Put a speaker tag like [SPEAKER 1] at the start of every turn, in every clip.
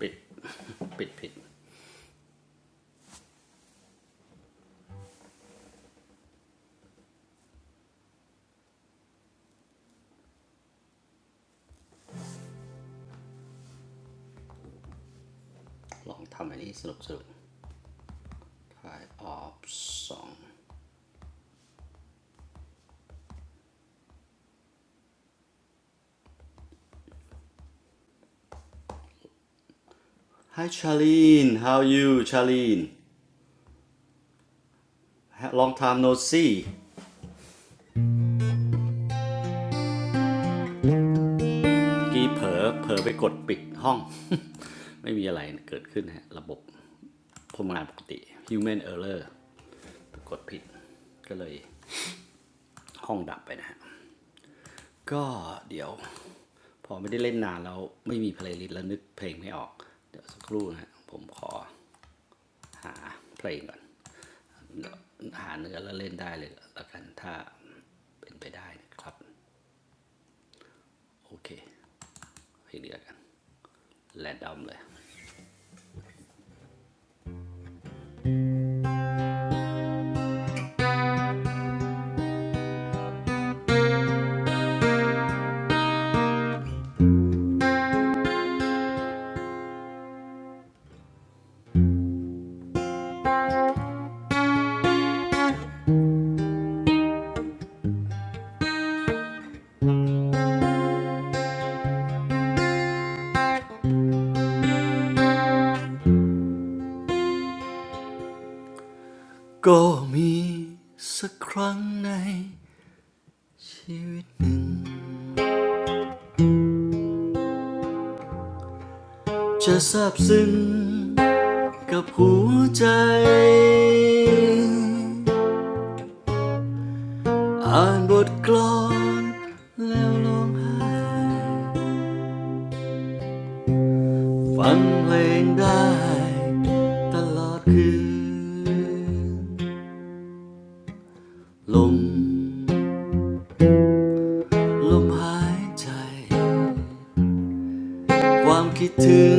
[SPEAKER 1] ปิด ปิดผิด ลองทำอันนี้สนุกสนุก try off สอง Hi Charlene how are you Charlene long time no see ่กี้เผลอเผลอไปกดปิดห้อง ไม่มีอะไรเกิดขึ้นฮะ ระบบทำงานปกติ human error ไปกดผิด ก็เลยห้องดับไปนะฮะ ก็เดี๋ยวพอไม่ได้เล่นนานแล้วไม่มีเพลย์ลิสต์แล้วนึกเพลงไม่ออก เดี๋ยวสักครู่นะฮะ ผมขอหาเพลงก่อน หาเนื้อแล้วเล่นได้เลยละกันถ้าเป็นไปได้นะครับโอเคให้เพลงเดียวกันแรนดอมเลยก็มีสักครั้งในชีวิตจะซาบซึ้งกับหัวใจอ่านบทกลอนแล้วร้องไห้ฟังเพลงได้ตลอดคืนลม ลมหายใจความคิดถึง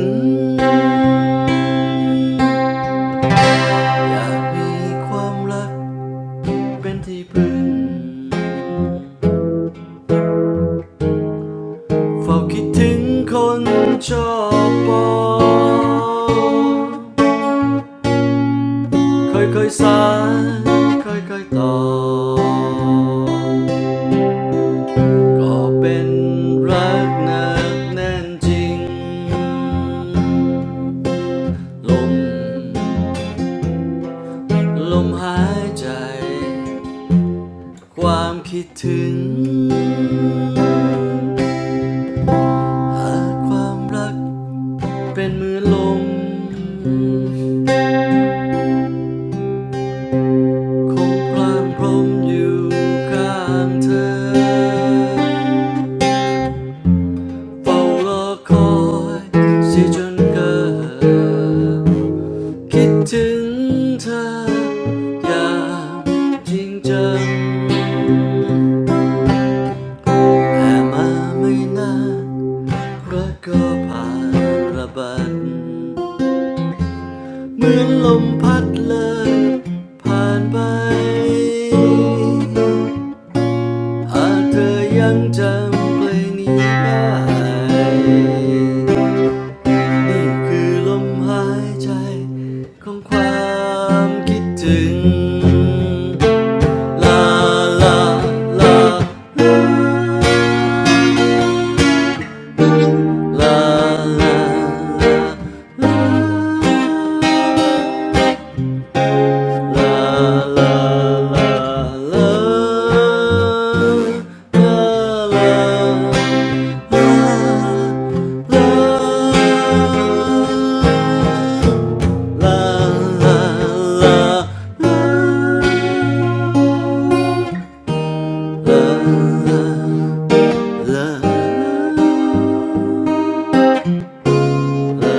[SPEAKER 1] อยากมีความรักเป็นที่พึ่งเฝ้าคิดถึงคนชอบปอเคยเคยๆสานเคยเคยๆต่อก็เป็นรักหนักแน่นจริงลม ลมหายใจความคิดถึงหากความรักเป็นมือลมคงพรางพรมอยู่ข้างเธอเฝ้ารอคอยเสียจนเกิดคิดถึงเธออย่างจริงจังแต่มาไม่นาน รักก็ผ่านระเบัดเหมือนลมพัดเลยผ่านไปหากเธอยังจำเพลงนี้ได้นี่คือลมหายใจของความคิดถึงลาลาลาลา 啦啦啦啦，啦啦啦啦，啦啦啦啦，啦啦啦啦。Hi, say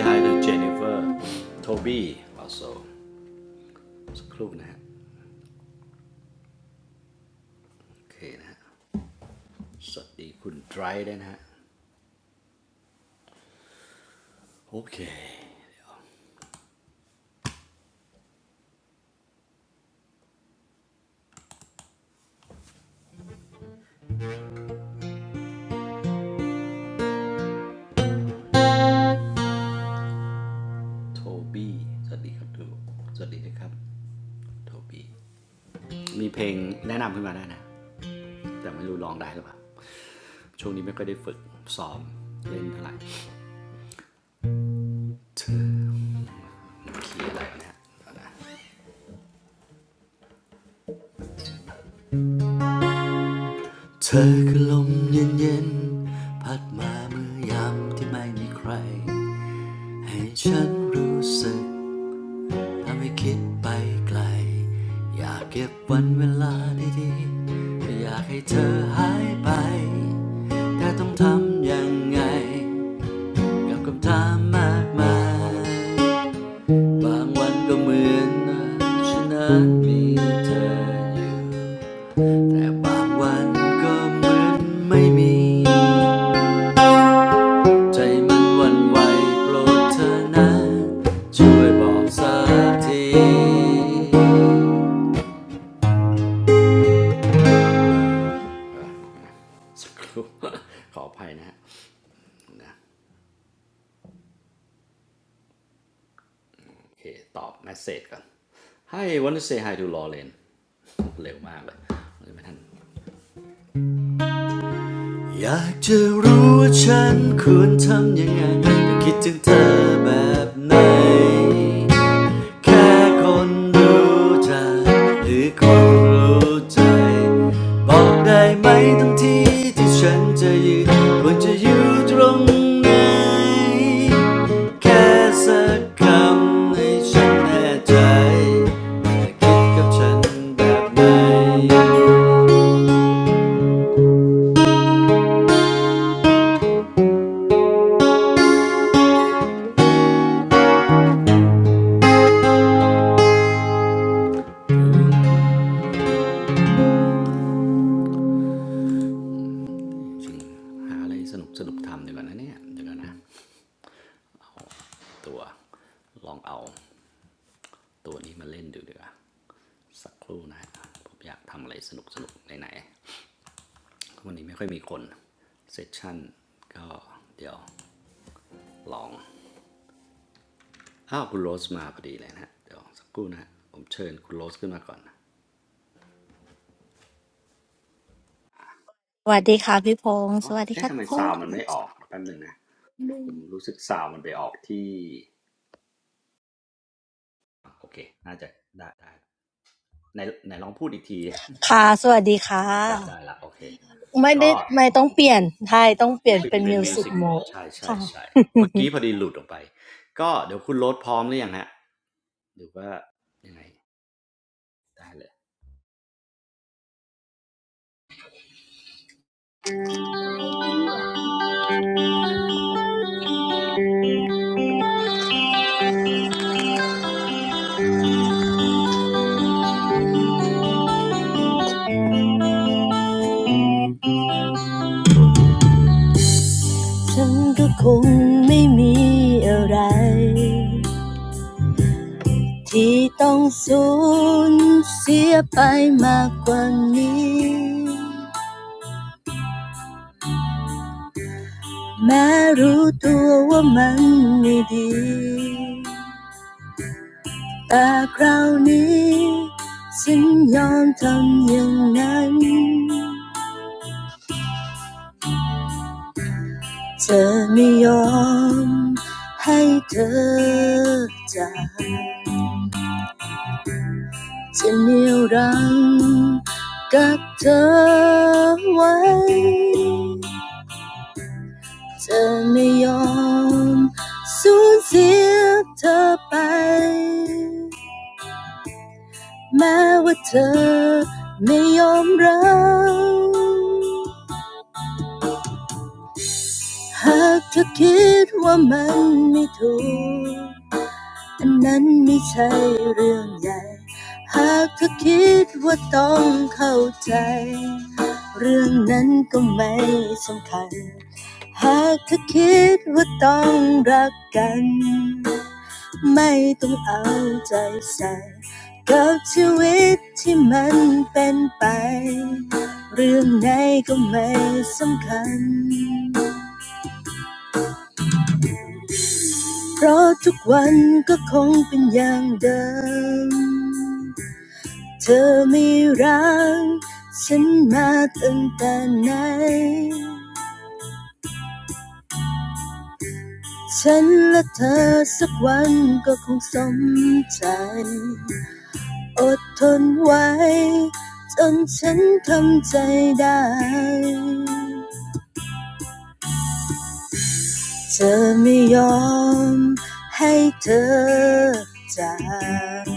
[SPEAKER 1] hi to Jennifer, Toby also สักครู่นะฮะโอเคนะฮะสวัสดีคุณดรด้นะฮะโอเค Toby สวัสดีครับทุกสวัสดีนะครับ Toby มีเพลงแนะนำขึ้นมาได้นะแต่ไม่รู้ร้องได้หรือเปล่าช่วงนี้ไม่ค่อยได้ฝึกซ้อมเล่นเท่าไหร่ คีย์อะไระนยเนะเธอคือลมเย็นๆพัดมาเมื่อยามที่ไม่มีใครฉันรู้สึกทำให้คิดไปไกลอยากเก็บวันเวลาดีๆอยากให้เธอหายไปแต่ต้องทำยังไงกับคำถามมากมายบางวันก็เหมือนฉันนั้นมีเธออยู่แต่บางวันก็เหมือนไม่มี ใจมันหวันไหวโปรดเธอนะช่วยบอกสักทีสักครู่ ขออภัยนะฮะนะโอเค ตอบแมสเซจก่อน Hi w a n น to say hi to Lauren เร็วมากเลยไม่ทัน อยากจะรู้ว่าฉันควรทำยังไงแต่คิดถึงเธอแบบไหนแค่คนรู้จักหรือคนรู้ใจบอกได้ไหมทั้งที่ที่ฉันจะยืนควรจะอยู่ตรงไหนแค่สักคำให้ฉันแน่ใจว่คิดกับฉันแบบไหน ชิงหาอะไรสนุกสนุกทำดีกว่านะเนี่ยเดี๋ยวก่อนนะตัวลองเอาตัวนี้มาเล่นดูดีกว่าสักครู่นะะผมอยากทำอะไรสนุกสนุกไหนๆวันนี้ไม่ค่อยมีคนเซสชั่นก็เดี๋ยวลองอ้าวคุณโรสมาพอดีเลยนะเดี๋ยวสักครู่นะผมเชิญคุณโรสขึ้นมาก่อน
[SPEAKER 2] สวัสดีค่ะพี่พงษ์ส
[SPEAKER 1] อ๋อ
[SPEAKER 2] วัสดี
[SPEAKER 1] เอ๊ะ
[SPEAKER 2] ค่ะ
[SPEAKER 1] ทำ
[SPEAKER 2] ทุ
[SPEAKER 1] ไม
[SPEAKER 2] กค
[SPEAKER 1] ซาว
[SPEAKER 2] น
[SPEAKER 1] มันไม่ออกแป๊บนึงนะผมรู้สึกซาวมันไปออกที่โอเคน่าจะได้ได้ในในลองพูดอีกที
[SPEAKER 2] ค่ะสวัสดีค่ะ
[SPEAKER 1] ได้ได้ละโอเค
[SPEAKER 2] ไม่ได้
[SPEAKER 1] ก็
[SPEAKER 2] ไม่ต้องเปลี่ยนใช่ต้องเปลี่ยน
[SPEAKER 1] เปลี่ย
[SPEAKER 2] เป็
[SPEAKER 1] น
[SPEAKER 2] น
[SPEAKER 1] เป็น
[SPEAKER 2] มิวสิก
[SPEAKER 1] Music
[SPEAKER 2] โหมด
[SPEAKER 1] Mode ใช่
[SPEAKER 2] ค่ะ
[SPEAKER 1] ๆๆเมื่อกี้พอดีหลุดออกไปก็เดี๋ยวคุณโรสพร้อมหรือยังฮะหรือว่ายังไงได้เลย
[SPEAKER 2] ฉันก็คงไม่มีอะไรที่ต้องสูญเสียไปมากกว่านี้แม้รู้ตัวว่ามันไม่ดี แต่คราวนี้ฉันยอมทำอย่างนั้นเธอไม่ยอมให้เธอจากฉันเหนี่ยวรังกับเธอไว้เธอไม่ยอมสูญเสียเธอไปแม้ว่าเธอไม่ยอมรับ หากเธอคิดว่ามันไม่ถูกอันนั้นไม่ใช่เรื่องใหญ่หากเธอคิดว่าต้องเข้าใจเรื่องนั้นก็ไม่สำคัญหากเธอคิดว่าต้องรักกันไม่ต้องเอาใจใส่กับชีวิตที่มันเป็นไปเรื่องไหนก็ไม่สำคัญ เพราะทุกวันก็คงเป็นอย่างเดิม เธอไม่รักฉันมาตั้งแต่ไหน ฉันและเธอสักวันก็คงสมใจอดทนไว้จนฉันทำใจได้ เธอไม่ยอมให้เธอจาก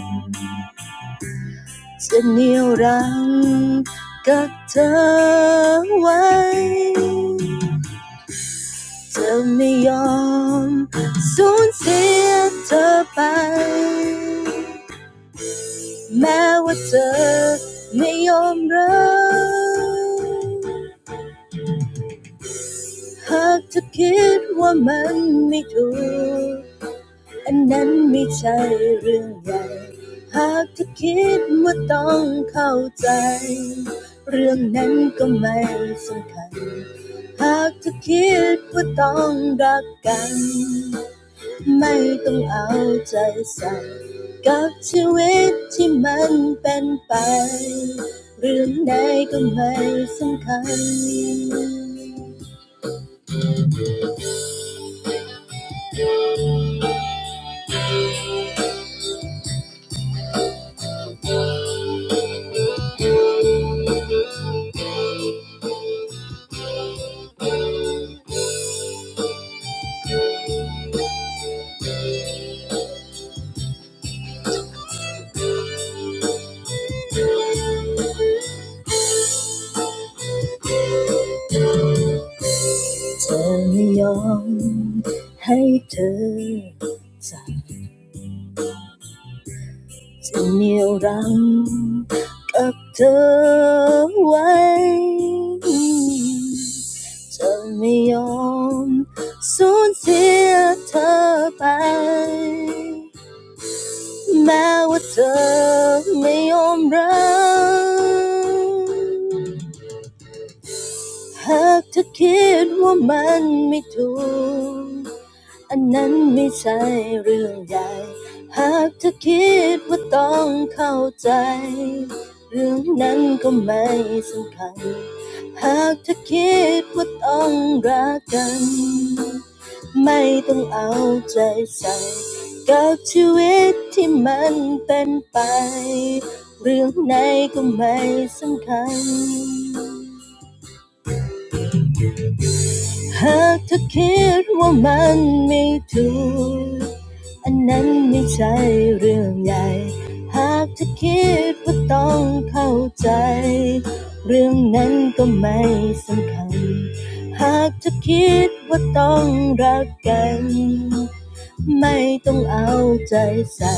[SPEAKER 2] จะเหนี่ยวรังกับเธอไว้เธอไม่ยอมสูญเสียเธอไปแม้ว่าเธอไม่ยอมรับหากเธอคิดว่ามันไม่ถูก อันนั้นไม่ใช่เรื่องใหญ่หากเธอคิดว่าต้องเข้าใจเรื่องนั้นก็ไม่สำคัญหากเธอคิดว่าต้องรักกันไม่ต้องเอาใจใส่กับชีวิตที่มันเป็นไปเรื่องใดก็ไม่สำคัญเธอไม่ยอมให้เธอใจ จะเหนี่ยวรั้งกับเธอไว้จะไม่ยอมสูญเสียเธอไปแม้ว่าเธอไม่ยอมรับหากเธอคิดว่ามันไม่ถูก อันนั้นไม่ใช่เรื่องใหญ่หากเธอคิดว่าต้องเข้าใจเรื่องนั้นก็ไม่สำคัญหากเธอคิดว่าต้องรักกันไม่ต้องเอาใจใส่กับชีวิตที่มันเป็นไปเรื่องไหนก็ไม่สำคัญ หากเธอคิดว่ามันไม่ถูก อันนั้นไม่ใช่เรื่องใหญ่หากเธอคิดว่าต้องเข้าใจเรื่องนั้นก็ไม่สำคัญหากเธอคิดว่าต้องรักกันไม่ต้องเอาใจใส่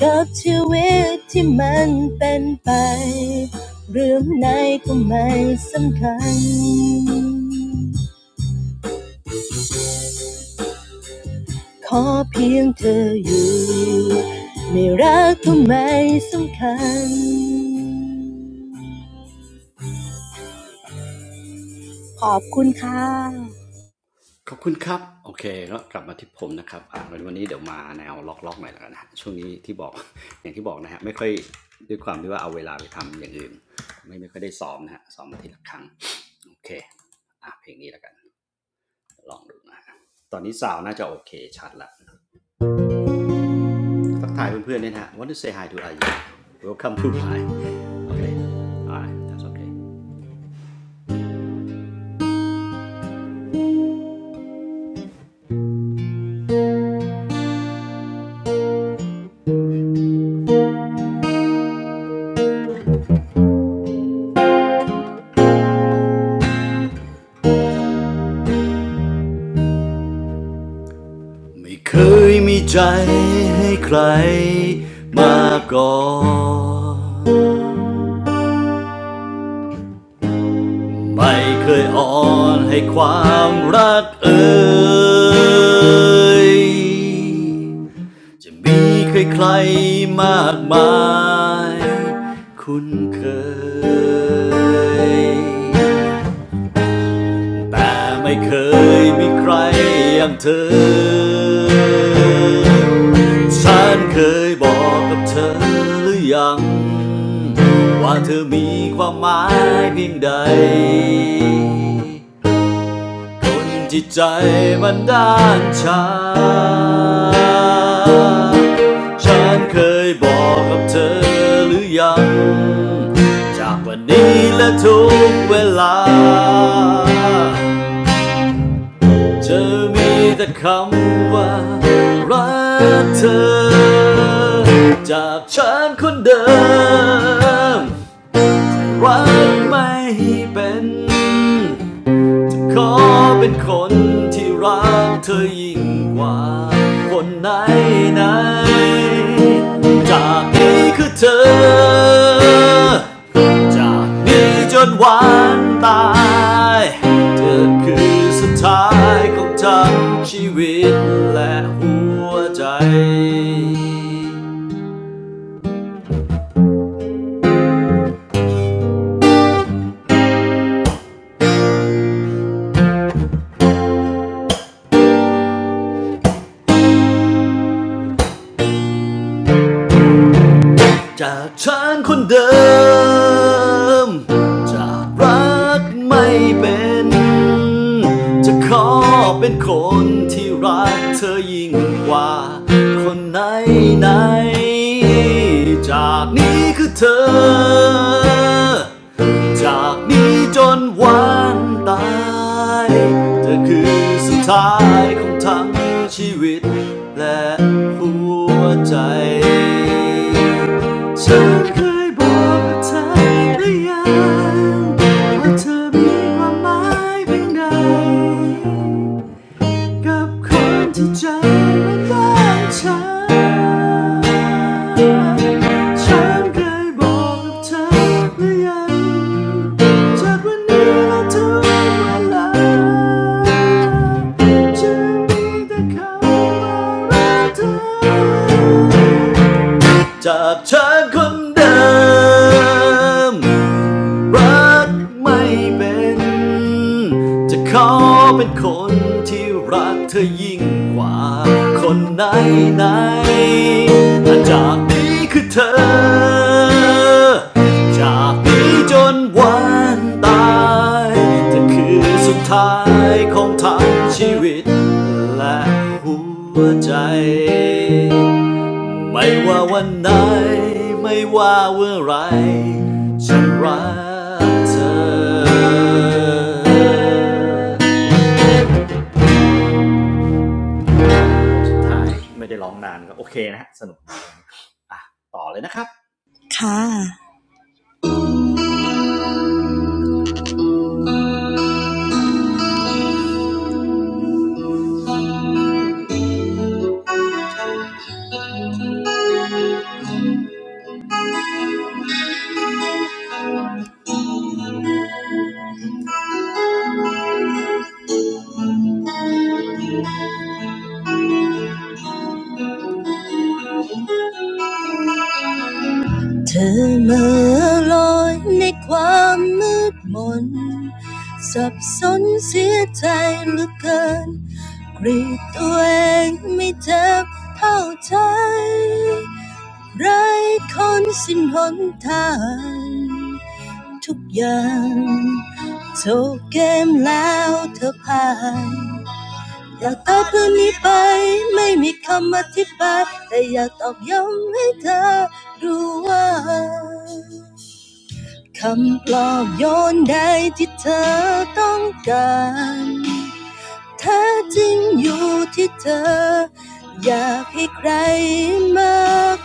[SPEAKER 2] กับชีวิตที่มันเป็นไปเรื่องไหนก็ไม่สำคัญ ขอเพียงเธออยู่ไม่รักก็ไม่สำคัญขอบคุณค่ะ
[SPEAKER 1] ขอบคุณครับโอเคแล้วกลับมาที่ผมนะครับอ่าวันนี้เดี๋ยวมาแนวล็อกๆหน่อยแล้วกันนะช่วงนี้ที่บอก อย่างที่บอกนะฮะไม่ค่อยด้วยความที่ว่าเอาเวลาไปทำอย่างอื่นไม่ไม่ค่อยได้ซ้อมนะฮะซ้อมมาทีละครั้งโอเคอ่ะเพลงนี้แล้วกันลองดูนะ ตอนนี้สาวน่าจะโอเคชัดละ ทักทายเพื่อนๆเนี่ยนะฮ Want to say hi to I Welcome to Thai โอเค alright that's okay ไม่เคยมีใจให้ใครมาก่อน ไม่เคยอ่อนให้ความรักเอ่ยจะมีใครใครๆมากมายคุ้นเคย แต่ไม่เคยมีใครอย่างเธอ ฉันเคยบอกกับเธอหรือยังว่าเธอมีความหมายเพียงใดคนที่ใจมันด้านชาฉันเคยบอกกับเธอหรือยังจากวันนี้และทุกเวลา เธอมีแต่คำว่ารักเธอจากฉันคนเดิมรักไม่เป็น ขอเป็นคนที่รักเธอยิ่งกว่าคนไหนไหนๆ จากนี้คือเธอ จากนี้จนวันตายเธอคือสุดท้ายของทั้งชีวิตและหัวใจ จากฉันคนเดิม จากรักไม่เป็น จะขอเป็นคนที่รักเธอยิ่งกว่าคนไหนไหนๆจากนี้คือเธอ จากนี้จนวันตายเธอคือสุดท้ายของทั้งชีวิตและหัวใจ ฉันเคยบอกกับเธอหรือยังว่าเธอมีความหมายเพียงใดกับคนที่ใจมันบ้างฉัน ฉันเคยบอกกับเธอหรือยังจากวันนี้และทุกเวลาจะมีแต่คำว่ารักเธอ จากเธอคนเดิมรักไม่เป็นจะขอเป็นคนที่รักเธอยิ่งกว่าคนไหนไหนถ้าจากนี้คือเธอจากนี้จนวันตาย จะคือสุดท้ายของทั้งชีวิตและหัวใจไม่ว่าวันไหนไม่ว่าเมื่อไรฉันรักเธอถ่ายไม่ได้ร้องนานก็โอเคนะฮะสนุกอ่ะต่อเลยนะครับ
[SPEAKER 2] ค่ะเธอเมื่อลอยในความมืดมนสับสนเสียใจเหลือเกินกรีดตัวเองไม่เจ็บเท่าใจไร้คนสิ้นหนทาง ทุกอย่างโจบเกมแล้วเธอพ่ายอยากตอบเรื่องนี้ไปไม่มีคำอธิบายแต่อยากตอบย้ำให้เธอรู้ว่า คำปลอบโยนใดที่เธอต้องการแท้จริงอยู่ที่เธออยากให้ใครมา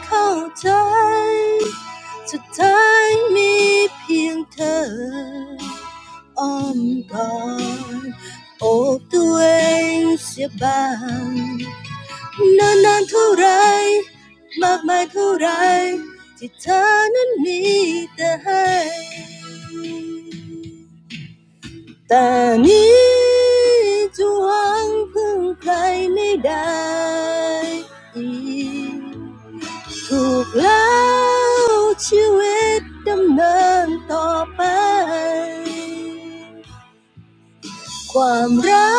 [SPEAKER 2] เข้าใจ สุดท้ายมีเพียงเธอ อ้อมกอดโอบตัวเองเสียบ้างนานนานเท่าไรมากมายเท่าไรที่เธอนั้นมีแต่ให้แต่นี้จะหวังพึ่งใครไม่ได้อีกถูกแล้วชีวิตดำเนินต่อไป ความรั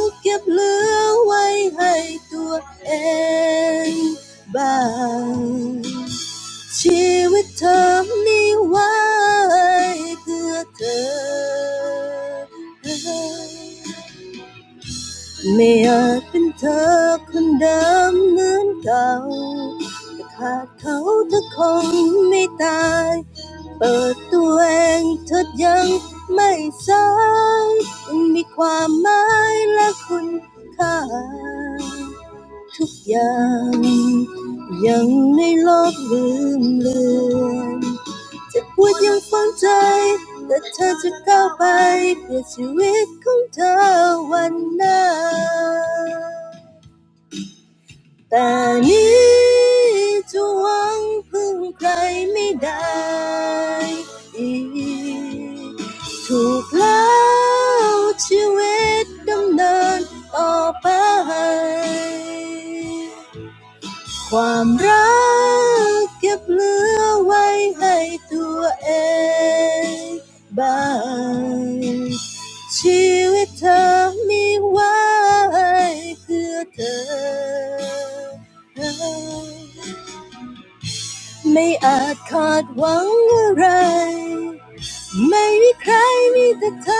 [SPEAKER 2] กเก็บเหลือไว้ให้ตัวเองบ้างชีวิตเธอนี้ไว้เพื่อเธอ ไม่อาจเป็นเธอคนเดิมเหมือนเก่า แต่ขาดเขาเธอคงไม่ตาย เปิดตัวเองเธอยังไม่สายมันมีความหมายและคุณค่ายังยังในโลกลืมเลือน จะพปวดยังฝังใจ แต่เธอจะก้าวไปเพื่อชีวิตของเธอวันหน้าแต่นี้จะหวังพึ่งใครไม่ได้อีก ถูกแล้วชีวิตดำเนินต่อไป ความรักเก็บเหลือไว้ให้ตัวเองบ้างชีวิตเธอมีไว้เพื่อเธอไม่อาจคาดหวังอะไรไม่มีใครมีแต่เธอ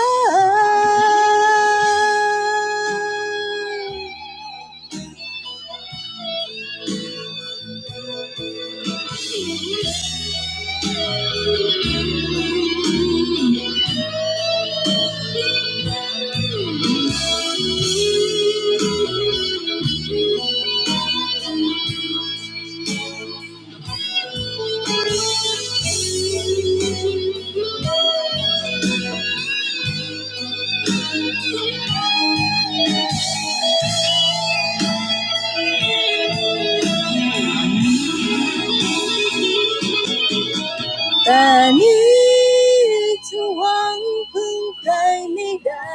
[SPEAKER 2] แต่นี้จะหวังพึ่งใครไม่ได้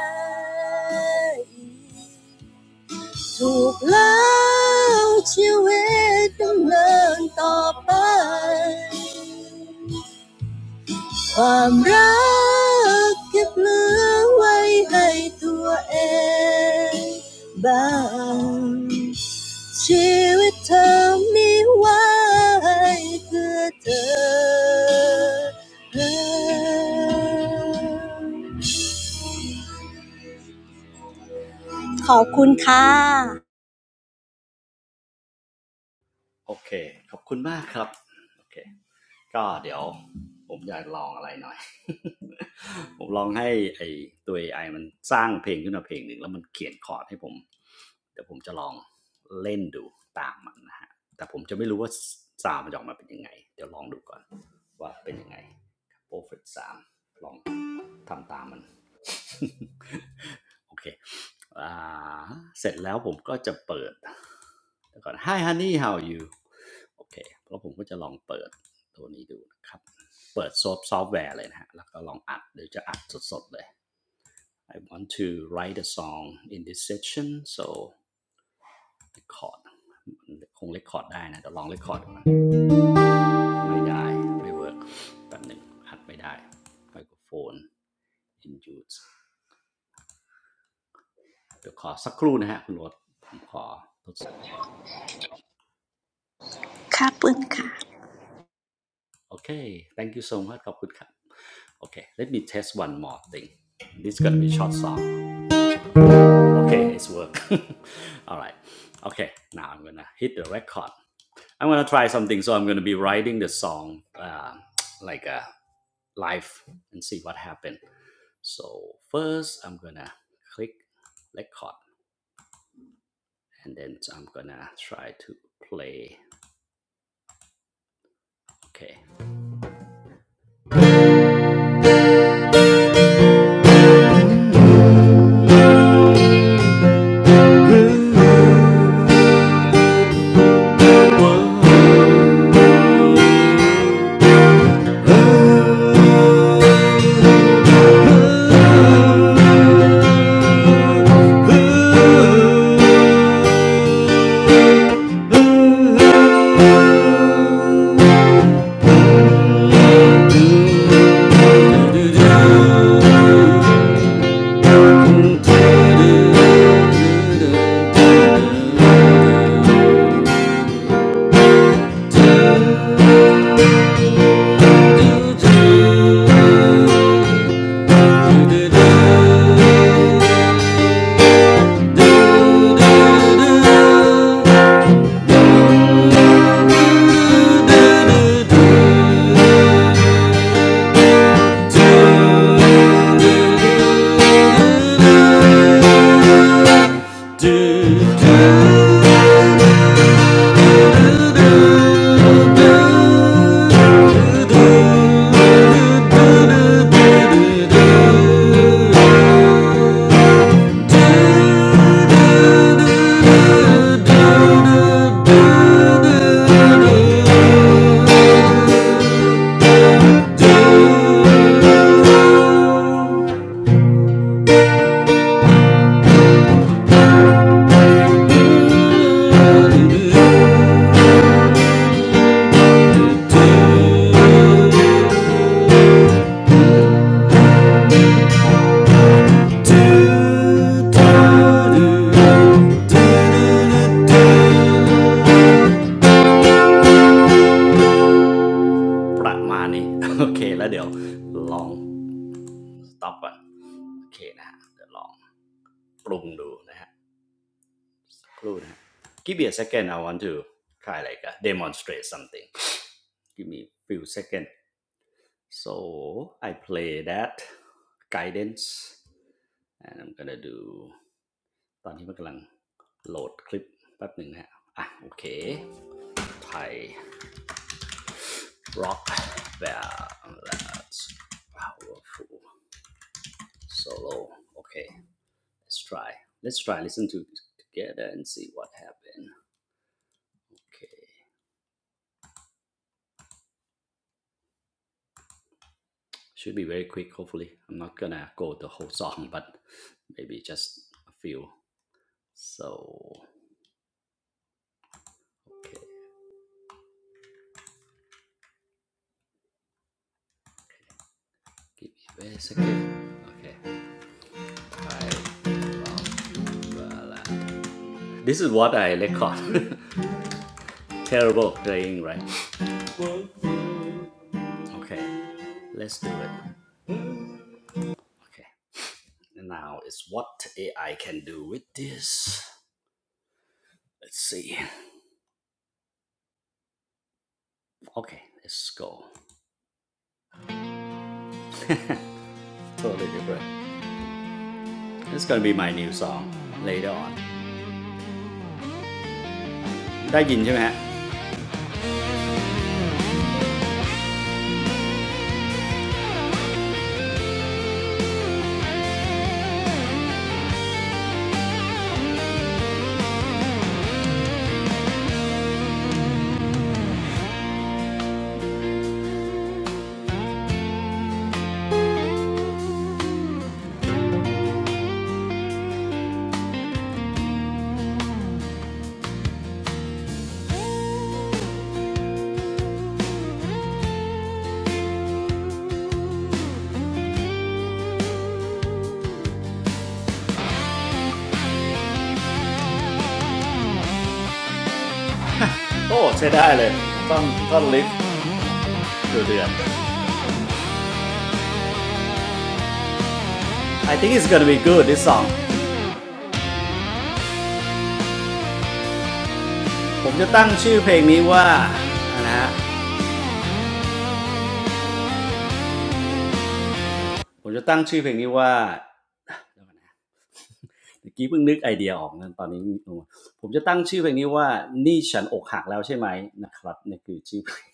[SPEAKER 2] ถูกแล้วชีวิตต้องเดินต่อไปความรักเก็บเหลือไว้ให้ตัวเองบ้าง ชีวิตเธอมีไว้เพื่อเธอขอบคุณค่ะ
[SPEAKER 1] โอเคขอบคุณมากครับโอเค ก็เดี๋ยวผมอยากลองอะไรหน่อย ผมลองให้ไอตัว AI มันสร้างเพลงขึ้นมาเพลงหนึ่งแล้วมันเขียนคอร์ดให้ผมเดี๋ยวผมจะลองเล่นดูตามมันนะฮะแต่ผมจะไม่รู้ว่าซาวด์มันจะออกมาเป็นยังไงเดี๋ยวลองดูก่อนว่าเป็นยังไงโปรเฟตสามลองทำตามมัน โอเคอ่าเสร็จแล้วผมก็จะเปิดก่อน Hi honey how are you โอเคแล้วผมก็จะลองเปิดตัวนี้ดูนะครับ เปิดซอฟต์ซอฟต์แวร์เลยนะฮะ แล้วก็ลองอัดเดี๋ยวจะอัดสดๆเลย I want to write a song in this section so record คง record ได้นะเดี๋ยวลอง record ดูนะไม่ได้ ไม่เวิร์กแป๊บหนึ่งอัดไม่ได้ไมโครโฟน in use เดี๋ยวขอสักครู่นะฮะคุณโรสผมขอทดสอบโอ
[SPEAKER 3] Ka
[SPEAKER 1] เคให้
[SPEAKER 3] bun
[SPEAKER 1] อัน
[SPEAKER 3] ka.
[SPEAKER 1] นี้โอเค thank you so much ขอบคุณครับโอเค let me test one more thing this is gonna be short song Okay, it's work. All right. Okay, now I'm gonna hit the record. I'm gonna try something. So I'm gonna be writing the song, uh, like a live, and see what happened. So first, I'm gonna click record, and then I'm gonna try to play. Okay. Do do do do do do. ประมาณนี โอเคแล้วเดี๋ยวลองสต็อปก่อนโอเคนะฮะเดี๋ยวลองปรุงดูนะฮะ Clone. Give me a second. I want to try like uh, demonstrate something. Give me a few seconds. So I play that guidance and I'm gonna do ตอนนี้มันกำลังโหลดคลิปแป๊บหนึ่งนะฮะอ่ะโอเคไทย rock well that's powerful solo okay let's try let's try listen to it together and see what happened okay Should be very quick, hopefully. I'm not gonna go the whole song, but maybe just a few. So, okay, give me a second. Okay, I This is what I record. Terrible playing, right? Okay, let's do it. Okay, now it's what AI can do with this. Let's see. Okay, let's go. Totally different. It's gonna be my new song later on. ได้ยินใช่ไหมฮะ โอ้ใช้ได้เลยต้องต้องลิฟต์เดือดๆ I think it's gonna be good this song ผมจะตั้งชื่อเพลงนี้ว่านะฮะ ผมจะตั้งชื่อเพลงนี้ว่า เดี๋ยวอนะเมื่อกี้เพิ่งนึกไอเดียออกนะตอนนี้ผมจะตั้งชื่อเพลงนี้ว่านี่ฉันอกหักแล้วใช่ไหมนะครับนี่คือชื่อเพลง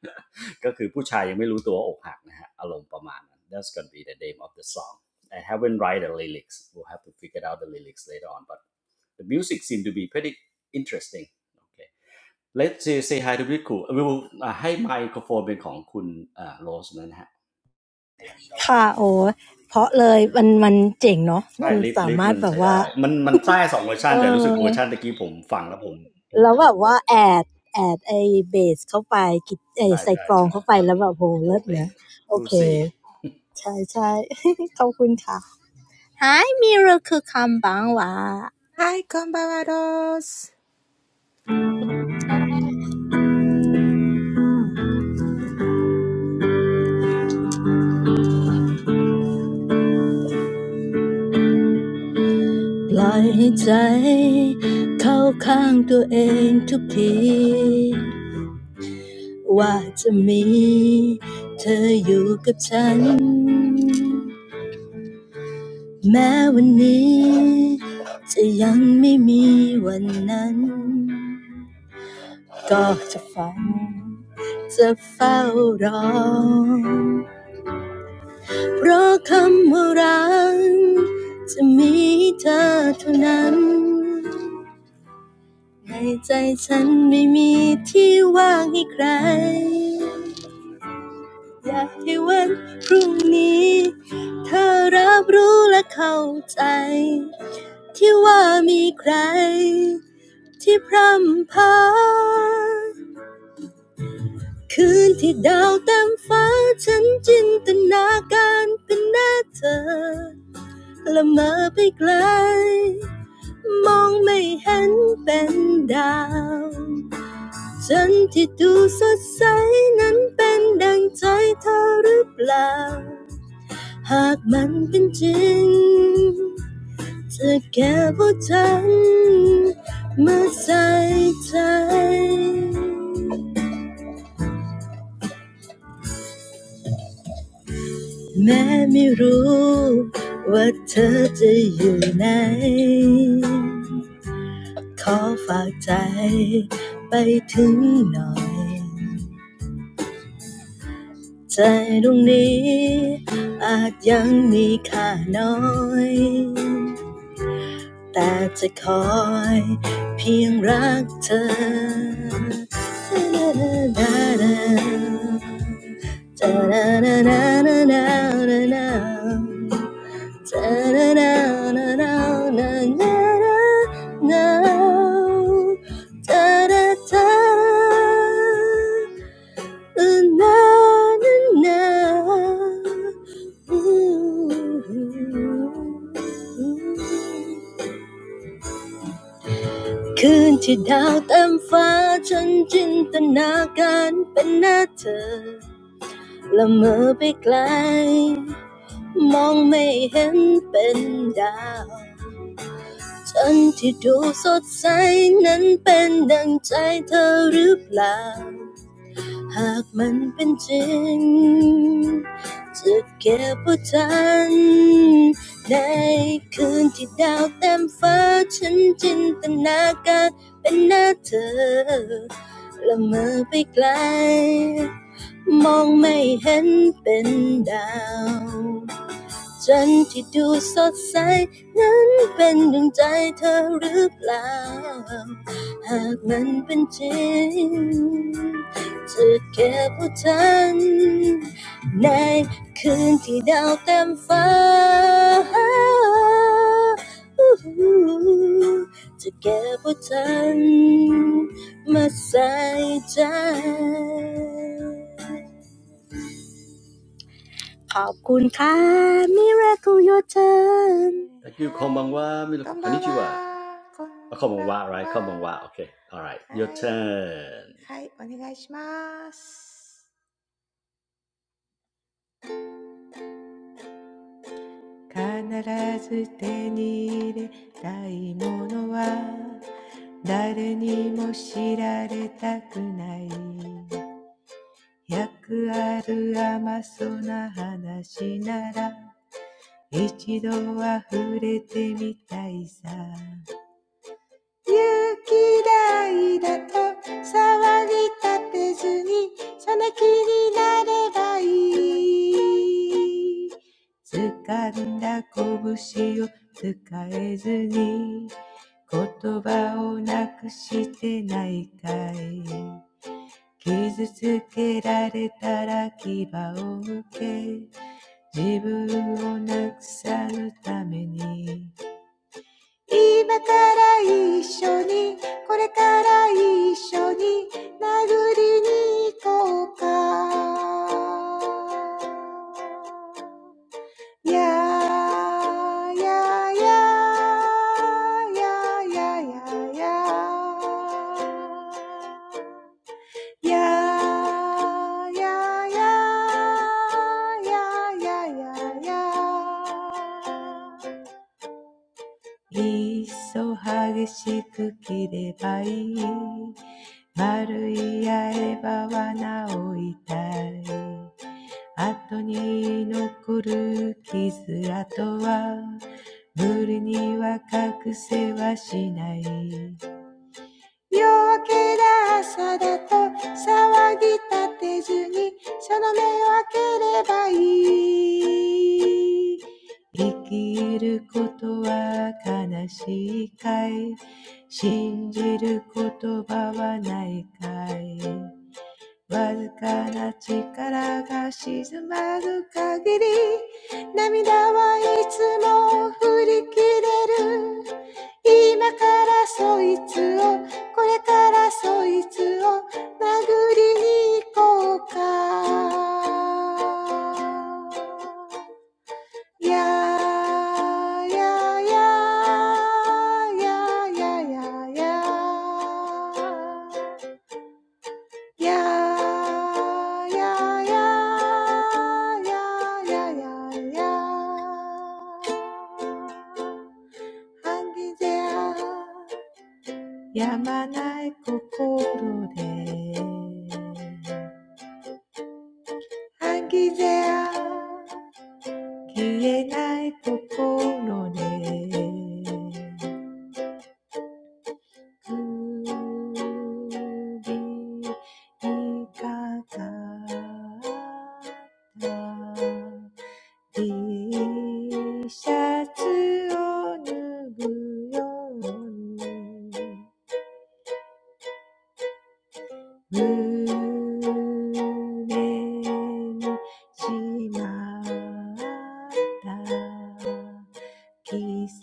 [SPEAKER 1] ก็คือผู้ชายยังไม่รู้ตัวว่าอกหักนะฮะอารมณ์ประมาณนั้น That's gonna be the name of the song I haven't write the lyrics we'll have to figure out the lyrics later on but the music seem to be pretty interesting okay let's say, hi to Riku อ e will uh, ให้ไมโครโฟนเป็นของคุณโรสนะฮะ
[SPEAKER 2] ค่ะโอ้เพราะเลยมันมันเจ๋งเนาะ
[SPEAKER 1] ใช่
[SPEAKER 2] มัน
[SPEAKER 1] ลิฟ
[SPEAKER 2] สา
[SPEAKER 1] ลิฟ
[SPEAKER 2] มารถ
[SPEAKER 1] มัน
[SPEAKER 2] แบบ
[SPEAKER 1] ใช้
[SPEAKER 2] ว่า
[SPEAKER 1] ได้มันมันใช้สองเวอร์ชั
[SPEAKER 2] เอ
[SPEAKER 1] นแต่รู้สึก
[SPEAKER 2] อ
[SPEAKER 1] เวอร์ชันตะกี้ผมฟังแล้วผมผม
[SPEAKER 2] แล้ว
[SPEAKER 1] ค
[SPEAKER 2] แบ
[SPEAKER 1] ลิก
[SPEAKER 2] บ
[SPEAKER 1] เล
[SPEAKER 2] ว่า
[SPEAKER 1] ย
[SPEAKER 2] แอดแอดไอเบสเข้าไปกิดไอ
[SPEAKER 1] ใช่
[SPEAKER 2] ใส่
[SPEAKER 1] ใช่
[SPEAKER 2] กรอง
[SPEAKER 1] ใช่
[SPEAKER 2] เข้าไป
[SPEAKER 1] ท
[SPEAKER 2] แล้วแบบโห
[SPEAKER 1] ำโห
[SPEAKER 2] เลิ
[SPEAKER 1] ด
[SPEAKER 2] ศ
[SPEAKER 1] เอง
[SPEAKER 2] นะโอ
[SPEAKER 1] รู
[SPEAKER 2] เค
[SPEAKER 1] ซี่
[SPEAKER 2] ใช่ใช่ ขอบคุณค่ะ Hi Miracle คำบางหวะ
[SPEAKER 4] はい、こんばんは、ロース。
[SPEAKER 2] ปล่อยให้ใจเข้าข้างตัวเองทุกทีว่าจะมีเธออยู่กับฉันแม้วันนี้จะยังไม่มีวันนั้นก็จะฝันจะเฝ้ารอเพราะคำว่ารักจะมีเธอเท่านั้น ให้ใจฉันไม่มีที่ว่างให้ใครอยากให้วันพรุ่งนี้เธอรับรู้และเข้าใจที่ว่ามีใครที่พร่ำพาคืนที่ดาวเต็มฟ้าฉันจินตนาการเป็นหน้าเธอละเมอไปไกลมองไม่เห็นเป็นดาว ฉันที่ดูสดใสนั้นเป็นดังใจเธอหรือเปล่า หากมันเป็นจริงจะแก้พวกฉันมาใส่ใจแม้ไม่รู้ว่าเธอจะอยู่ไหนขอฝากใจไปถึงหน่อย ใจดวงนี้อาจยังมีค่าน้อย แต่จะคอยเพียงรักเธอ นนนคืนที่ดาวเต็มฟ้าฉันจินตนาการเป็นหน้าเธอละเมอไปไกลมองไม่เห็นเป็นดาวฉันที่ดูสดใสนั้นเป็นดังใจเธอหรือเปล่า หากมันเป็นจริงจะเก็บไว้ทันในคืนที่ดาวเต็มฟ้าฉันจินตนาการเป็นหน้าเธอละเมอไปไกลมองไม่เห็นเป็นดาว จันทร์ที่ดูสดใสนั้นเป็นดวงใจเธอหรือเปล่า หากมันเป็นจริงจะเก็บเอาทันในคืนที่ดาวเต็มฟ้า จะเก็บเอาทันมาใส่ใจขอบคุณค่ะ Miracle Your Turn
[SPEAKER 1] thank you คอมบังว่ามิโรคุคอนนิจิวะคอมบังว่า right คอมบังว่าโอเค alright your turn
[SPEAKER 4] えーはい。こんばんは。こんばんは。はい。はい、お願いします。必ず手に入れたいものは、誰にも知られたくない。百ある甘そうな話なら、一度は触れてみたいさ。勇気だいだと騒ぎ立てずにその気になればいい掴んだ拳を使えずに言葉をなくしてないかい傷つけられたら牙を向け自分をなくさぬために now, now, now, now, now, now, now, now, now, now, now, now, now. いっそ激しく切ればいい丸い刃はなお痛い後に残る傷跡は無理には隠せはしない夜明けだ朝だと騒ぎ立てずにその目を開ければいい生きることは悲しいかい信じる言葉はないかいわずかな力が沈まる限り涙はいつも振り切れる今からそういつをこれからそういつを殴りに行こうかいやいやいやいやいやいや yeah, yeah, yeah, yeah, yeah, yeah, yeah. 半ギじゃやまない心で。半ギじゃ消えない心で。首にかかった T-shirts on the bus. I got lost. Seasons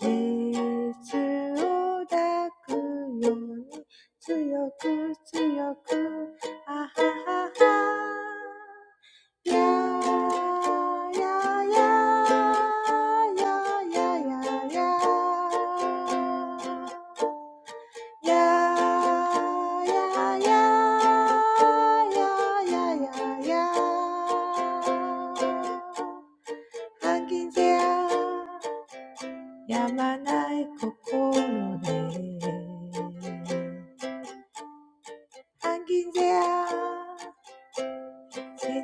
[SPEAKER 4] on the clock. Stronger, stronger. Ah, ah, ah. Yeah, yeah, yeah, yeah, yeah, yeah, yeah. Yeah, yeah, yeah, yeah, yeah, yeah, yeah. Ah, season. With a humble heart, I can't say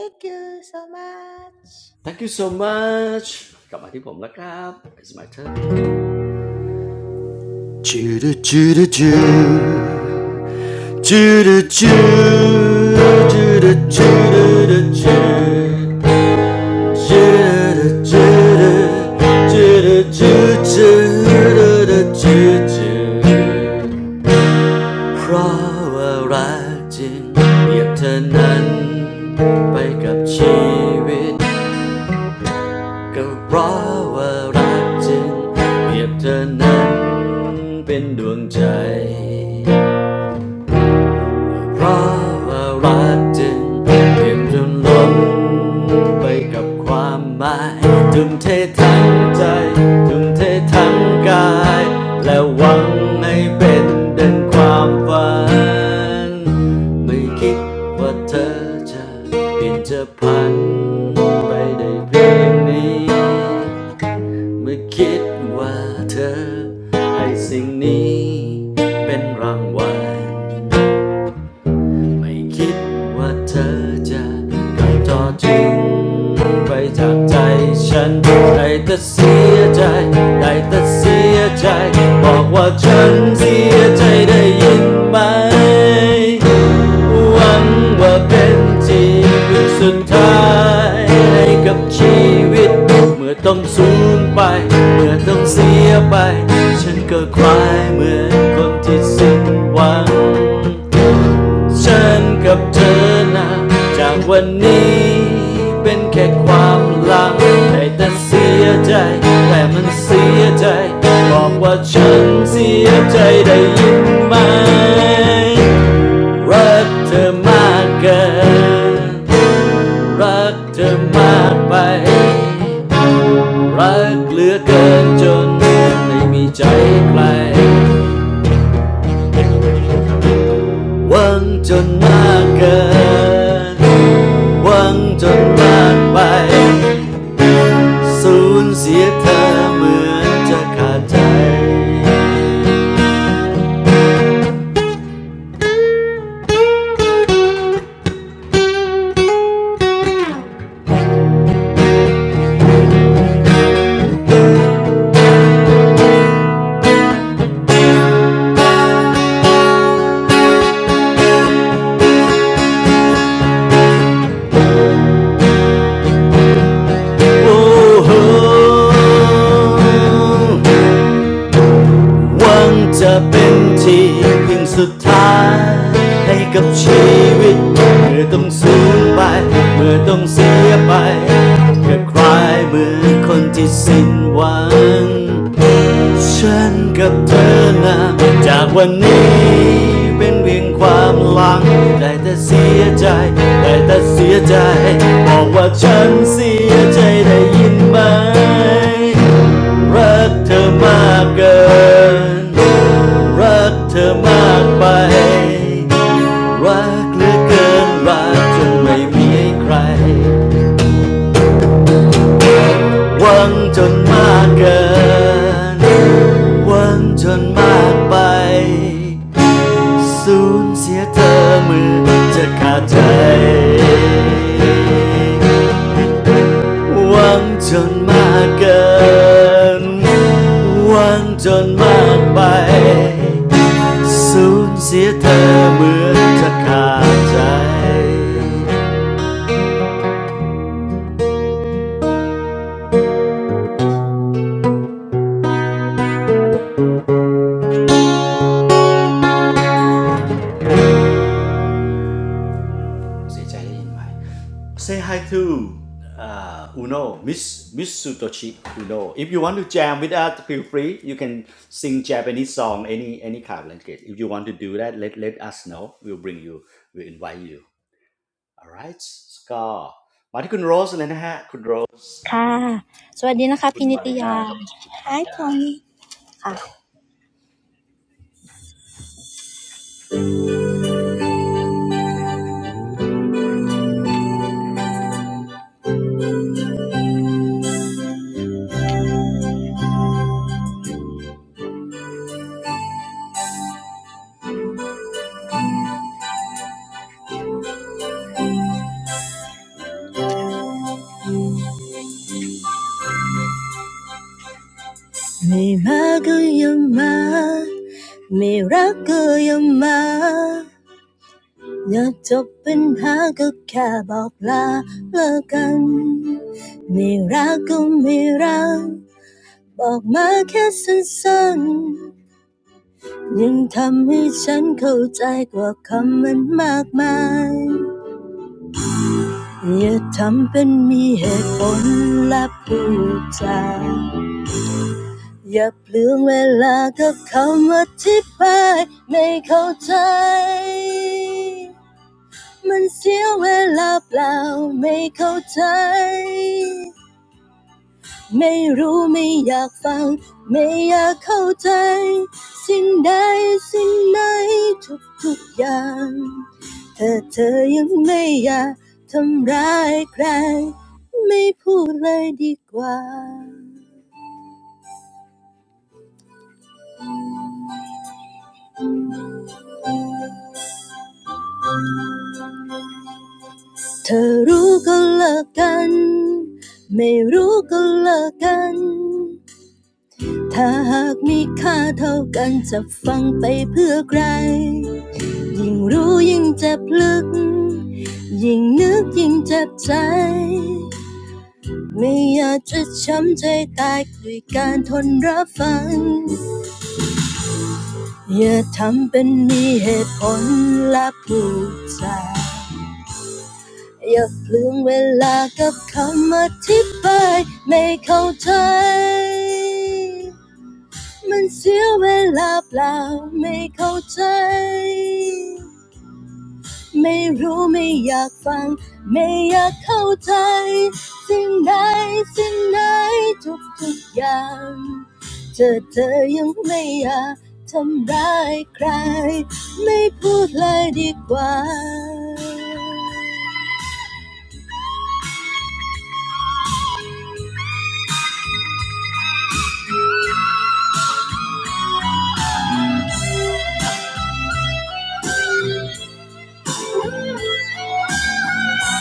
[SPEAKER 4] thank you so much.
[SPEAKER 1] thank you so much กลับมาที่ผมแล้วครับ it's my turn จูดูจูดูจูจูดูจูจูดูจูดูจู เพราะว่ารักจริงเปรียบเธอนั้นไปกับชีวิตก็เพราะว่ารักจริงเปรียบเธอนั้นเป็นดวงใจ เพราะว่ารักจึงเต็มจนล้นไปกับความหมายทุ่มเททั้งใจทุ่มเททั้งกายและหวังให้เป็นดังความฝันไม่คิดว่าเธอจะเปลี่ยนจะพันไปได้เพียงนี้ ไม่คิดว่าเธอให้สิ่งนี้เป็นรางวัล ไม่คิดว่าเธอจะกลับจอจริงไปจากใจฉันได้แต่เสียใจได้แต่เสียใจ บอกว่าฉันเสียใจได้ยินไหม หวังว่าเป็นจริงสุดท้ายให้กับชีวิตเมื่อต้องสูญไป เมื่อต้องเสียไป ฉันก็คลายเหมือนคนที่สิ้นหวัง ฉันกับเธอนะจากวันนี้เป็นแค่ความหลังได้แต่เสียใจแต่มันเสียใจบอกว่าฉันเสียใจได้ยินไหมรักเธอมากเกินรักเธอมากไปรักเหลือเกินจนไม่มีใจใครหวังจนมากเกิน หวังจนวาดไปสูญเสียเธอเหมือนจะขาดใจโอ้โหหวังจะเป็นที่พึ่งสุดท้ายให้กับชีวิตเมื่อต้องสูญไปเมื่อต้องเสียไปเกิคลายเหมือนคนที่สิ้นหวัง ฉันกับเธอนะจากวันนี้เป็นเพียงความหลังได้แต่เสียใจได้แต่เสียใจบอกว่าฉันเสียใจได้ยินไหมรักเธอมากเกินรักเธอมากไปรักเหลือเกินรักจนไม่มีใครหวังจนมากเกิน หวังจนมากไปสูญเสียเธอเหมือนจะขาดใจหวังจนมากเกินหวังจนมากไปสูญเสียเธอเหมือนจะขาดใจ เสียใจได้ยินไหม Say hi to uh, Uno Miss Miss Sutoshi Uno If you want to jam with us feel free you can sing Japanese song any any kind of language If you want to do that let let us know we'll bring you we'll invite you alright ก็มาที่คุณโรสเลยนะฮะคุณโรส
[SPEAKER 2] ค่ะสวัสดีนะคะพี่นิตยา Hi
[SPEAKER 1] คุณมาริน่ากับคุณธัญญา
[SPEAKER 2] Tony ค่ะไม่มาก็ยังมาไม่รักก็ยังมาอย่าจบปัญหาก็แค่บอกลาเลิกกันไม่รักก็ไม่รักบอกมาแค่สั้นๆยังทำให้ฉันเข้าใจกว่าคำมันมากมายอย่าทำเป็นมีเหตุผลและพูดจา อย่าเปลืองเวลากับคำอธิบายไม่เข้าใจมันเสียเวลาเปล่าไม่เข้าใจไม่รู้ไม่อยากฟังไม่อยากเข้าใจสิ่งใดสิ่งไหนทุกๆอย่างถ้าเธอยังไม่อยากทำร้ายใครไม่พูดเลยดีกว่า เธอรู้ก็เลิกกันไม่รู้ก็เลิกกันถ้าหากมีค่าเท่ากันจะฟังไปเพื่อใครยิ่งรู้ยิ่งเจ็บลึกยิ่งนึกยิ่งเจ็บใจไม่อยากจะช้ำใจตายด้วยการทนรับฟังอย่าทำเป็นมีเหตุผลและผูกใจ อย่าเปลืองเวลากับคำอธิบายไม่เข้าใจมันเสียเวลาเปล่าไม่เข้าใจ ไม่รู้ไม่อยากฟังไม่อยากเข้าใจสิ่งใดสิ่งไหนทุกทุกอย่างเธอเธอยังไม่อยากทำร้ายใครไม่พูดเลยดีกว่า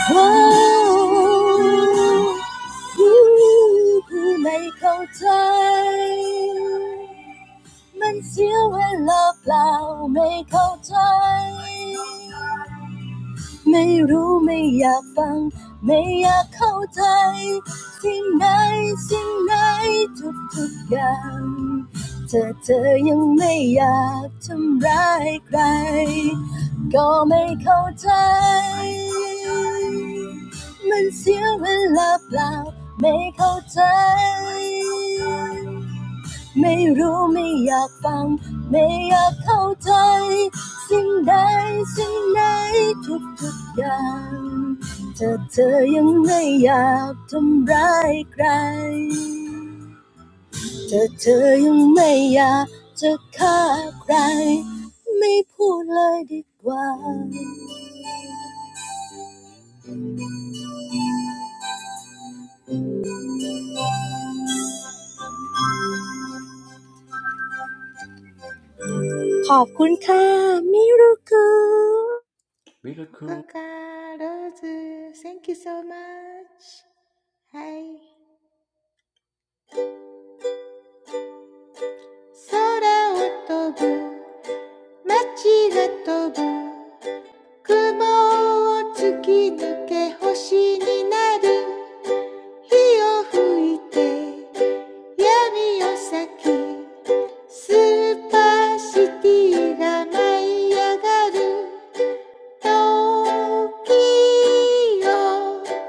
[SPEAKER 2] ผู้ไม่เข้าใจ มันเสียเวลาเปล่าไม่เข้าใจ ไม่รู้ไม่อยากฟังไม่อยากเข้าใจสิ่งไหนสิ่งไหนทุกทุกอย่างเธอเธอยังไม่อยากทำร้ายใครก็ไม่เข้าใจมันเสียเวลาเปล่าไม่เข้าใจ ไม่รู้ไม่อยากฟังไม่อยากเข้าใจสิ่งใดสิ่งไหนทุกทุกอย่างถ้าเธอยังไม่อยากทำร้ายใครถ้าเธอยังไม่อยากจะฆ่าใครไม่พูดเลยดีกว่าขอบคุณค่ะมิรุคุ
[SPEAKER 1] Really
[SPEAKER 4] Coco
[SPEAKER 1] cool
[SPEAKER 4] Ros, thank you so much. Hi. Sky is flying, city is flying. Clouds are cut, become stars. Fire is blowing, darkness is fading. Super city is rising. The time.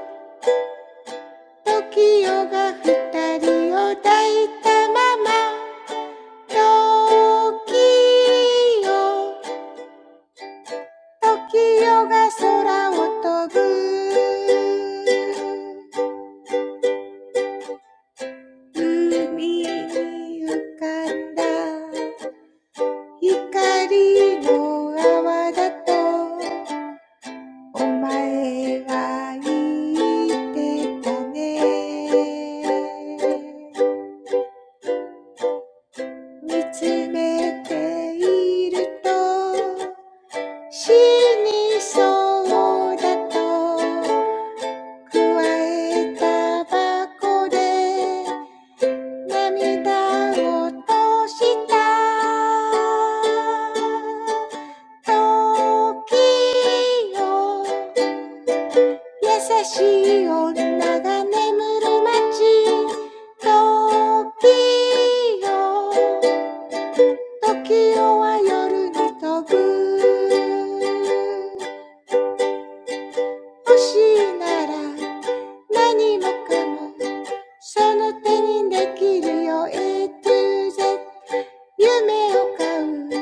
[SPEAKER 4] 見つめていると死にそうだと加えたばこで涙を落とした時よ優しい女が眠る街時よ Tokyo is flying in the night. Stars, nothing, maybe. That's what you can do.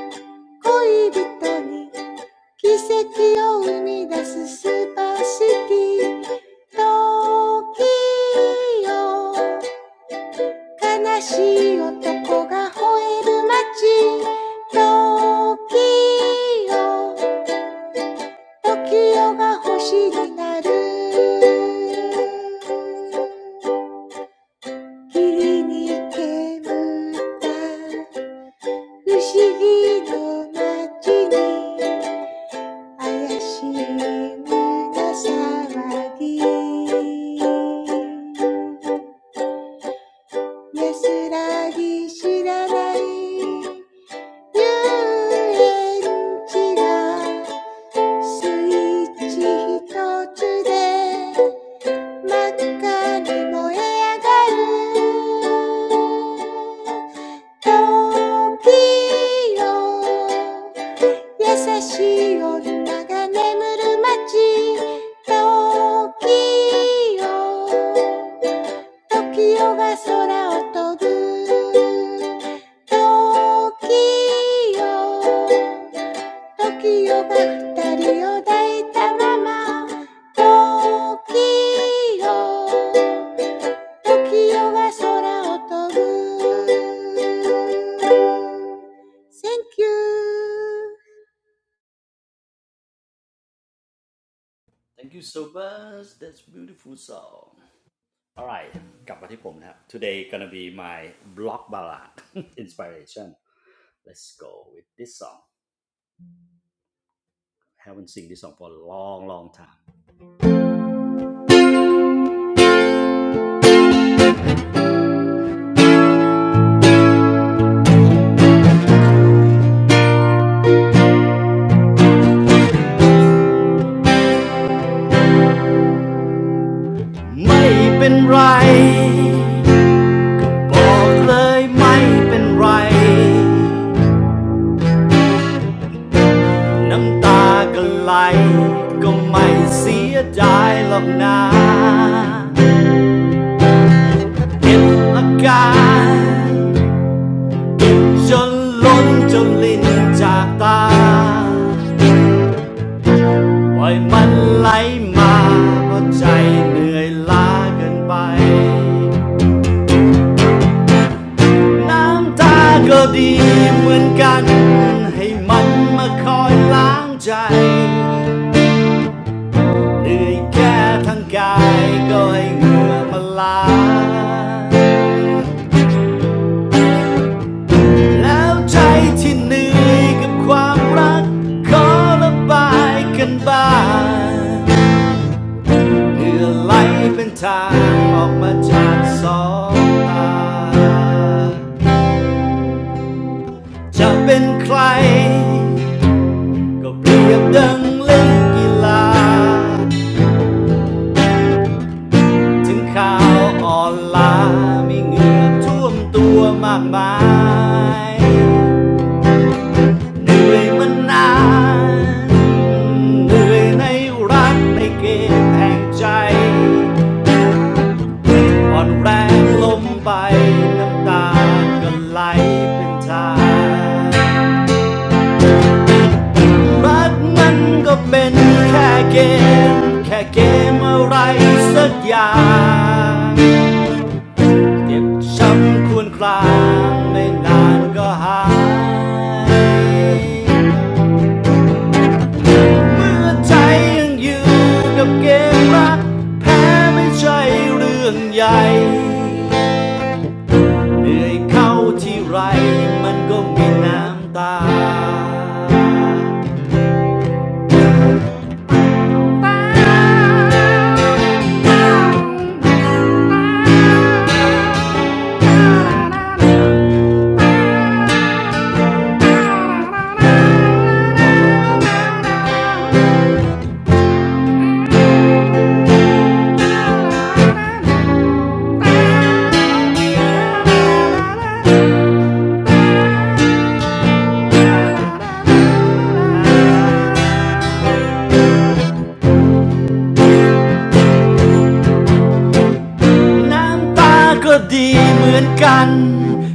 [SPEAKER 4] E, Z, dreams for lovers. Miracle for people. Super City, Tokyo. Sad man crying in the city. Tokyo. 時が星になる霧に煙った不思議の街に怪しい胸騒ぎ安らぎ知らない遊園地がスイッチ一つで真っ赤に燃え上がる時よ Tokiyō, Tokiyō が空を飛ぶ。Thank you.
[SPEAKER 1] Thank you so much That's beautiful song Alright กลับมาที่ผมนะครับ Today gonna be my block ballad inspiration Let's go with this song. I haven't seen this song for a long, long time. ไม่เป็นไร บอกเลยไม่เป็นไร น้ำตาก็ไหลก็ไม่เสียดายหรอกนะเก็บอาการเก็บจนล้นจนลิ้นจากตา ปล่อยมันไหลมาเพราะใจเหนื่อยล้าเกินไป น้ำตาก็ดีเหมือนกันให้มันมาคอยล้างใจเหนื่อยแค่ทั้งกายก็ให้เหงื่อมาล้างแล้วใจที่เหนื่อยกับความรักขอระบายกันบ้างเหงื่อไหลเป็นทางออกมาจากสองตาจะเป็นใคร ก็เปรียบดังเล่นกีฬาถึงข่าวอ่อนล้ามีเหงื่อท่วมตัวมากมาย เหนื่อยมานานเหนื่อยในรักในเกมแห่งใจอ่อนแรงล้มไปน้ำตาก็ไหลเป็นทาง รักมันก็เป็นแค่เกม แค่เกมอะไรสักอย่างเจ็บช้ำควรครางไม่นานก็หาย เมื่อใจยังอยู่กับเกมรักแพ้ไม่ใช่เรื่องใหญ่เหนื่อยเข้าที่ไรมันก็มีน้ำตา น้ำตาก็ดีเหมือนกัน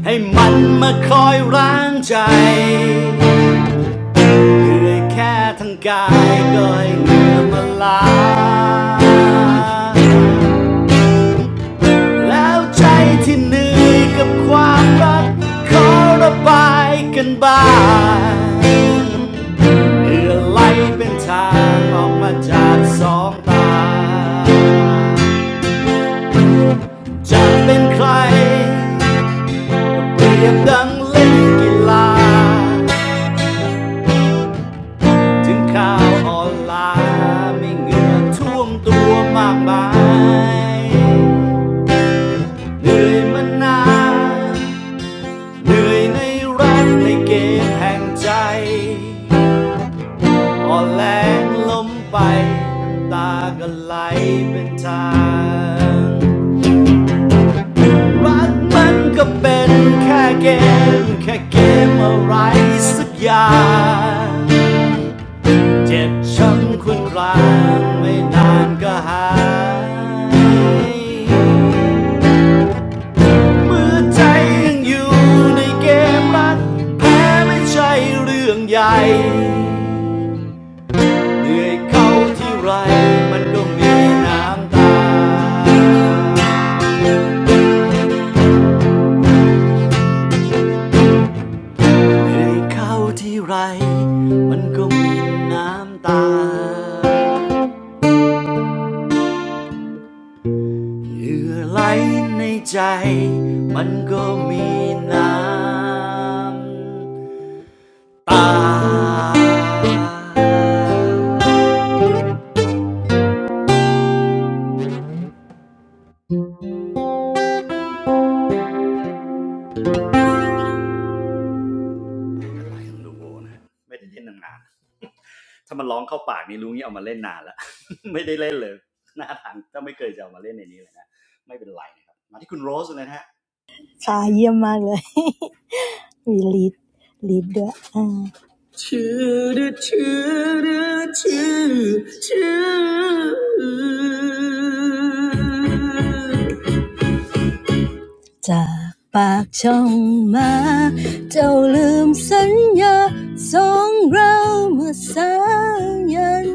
[SPEAKER 1] ให้มันมาคอยร้างใจ เหนื่อยแค่ทั้งกายก็ให้เหงื่อมาล้างแล้วใจที่เหนื่อยกับความรักขอระบายกันบ้างเพื่อไล่เป็นทางออกมาจากสองตาจะเป็นใครเปรียบดังเล่นกีฬา ถึงข่าวออนไลน์ไม่เหงื่อท่วมตัวมากมาย เหนื่อยมานาน เหนื่อยในรักในเกมแห่งใจอ่อนแรงล้มไปน้ำตาก็ไหลเป็นทาง รักมันก็เป็นแค่เกมแค่เกมอะไรสักอย่าง เจ็บช้ำคุนคลางไม่นานก็หายเมื่อใจยังอยู่ในเกมรักแพ้ไม่ใช่เรื่องใหญ่เหนื่อยเข้าที่ไรมันก็มีน้ำตาเหนื่อยเข้าที่ไรมันก็มีน้ำตา เหลื่อไหลในใจมันก็มีน้ำตาอะไรของลูโบนะไม่ได้เล่นนานๆถ้ามันร้องเข้าปากนี่รู้งี้เอามาเล่นนานแล้ว ไม่ได้เล่นเลย หน้าทางก็ไม่เคยจะเอามาเล่นในนี้เลยนะไม่เป็นไรนะครับมาที่คุณโรสเลยนะฮะ
[SPEAKER 2] ค่ะเยี่ยมมากเลย We lead, lead the u n Choo da c o o o o จากปากช่องมาเจ้าลืมสัญญาสองเราเมื่อสายัน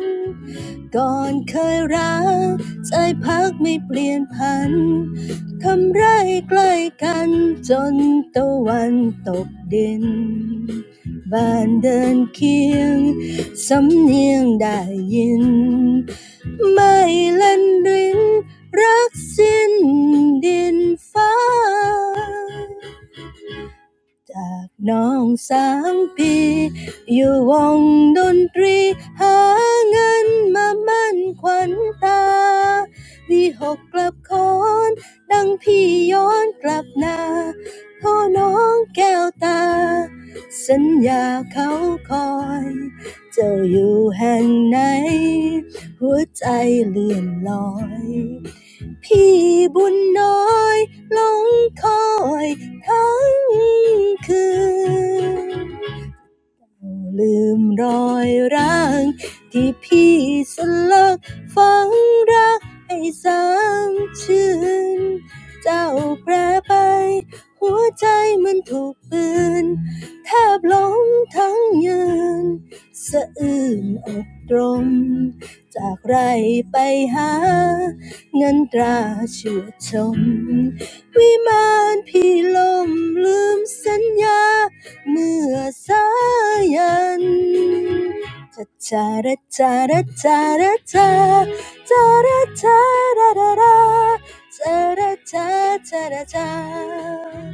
[SPEAKER 2] ก่อนเคยรักใจพักไม่เปลี่ยนพันทำไรใกล้กันจนตะวันตกดินบ้านเดินเคียงสำเนียงได้ยิน ไม่เล่นรินรักสิ้นดินฟ้า จากน้องสามปีอยู่วงดนตรีหาเงินมามั่นขวัญตาวีหกกลับคอนดังพี่ย้อนกลับนาโ่อน้องแก้วตาสัญญาเขาคอยเจ้าอยู่แห่งไหนหัวใจเลื่อนลอย พี่บุญน้อยหลงคอยทั้งคืน ลืมรอยร้างที่พี่สลักฝังรักให้สามชื่นเจ้าแปรไปหัวใจมันถูกปืนแทบล้มทั้งยืนสะอื้นอกตรมจากไรไปหาเงินตราเชื่อยชม วิมานพี่ลมลืมสัญญาเมื่อสายันจาระจาระจาระจาจาระจาระจาระาจาระจา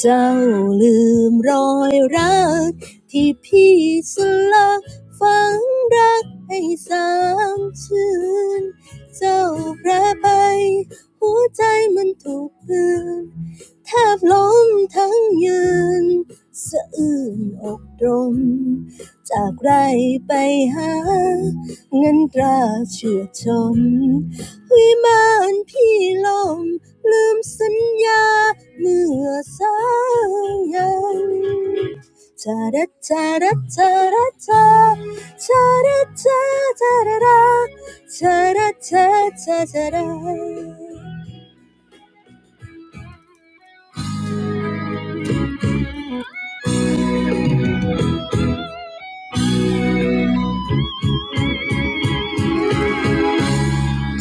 [SPEAKER 2] เจ้าลืมรอยรักที่พี่สลักฝังรักให้สามชื่นเจ้าแปรไปหัวใจมันถูกกลือนแทบล้มทั้งยืนสะอื้นอกตรงจากไรไปหาเงินตราเชื่อชม วิมานพี่ลมลืมสัญญาเมื่อสายันจาระจาระจาระจาจาระจาจาระราจาระจาจาจาระ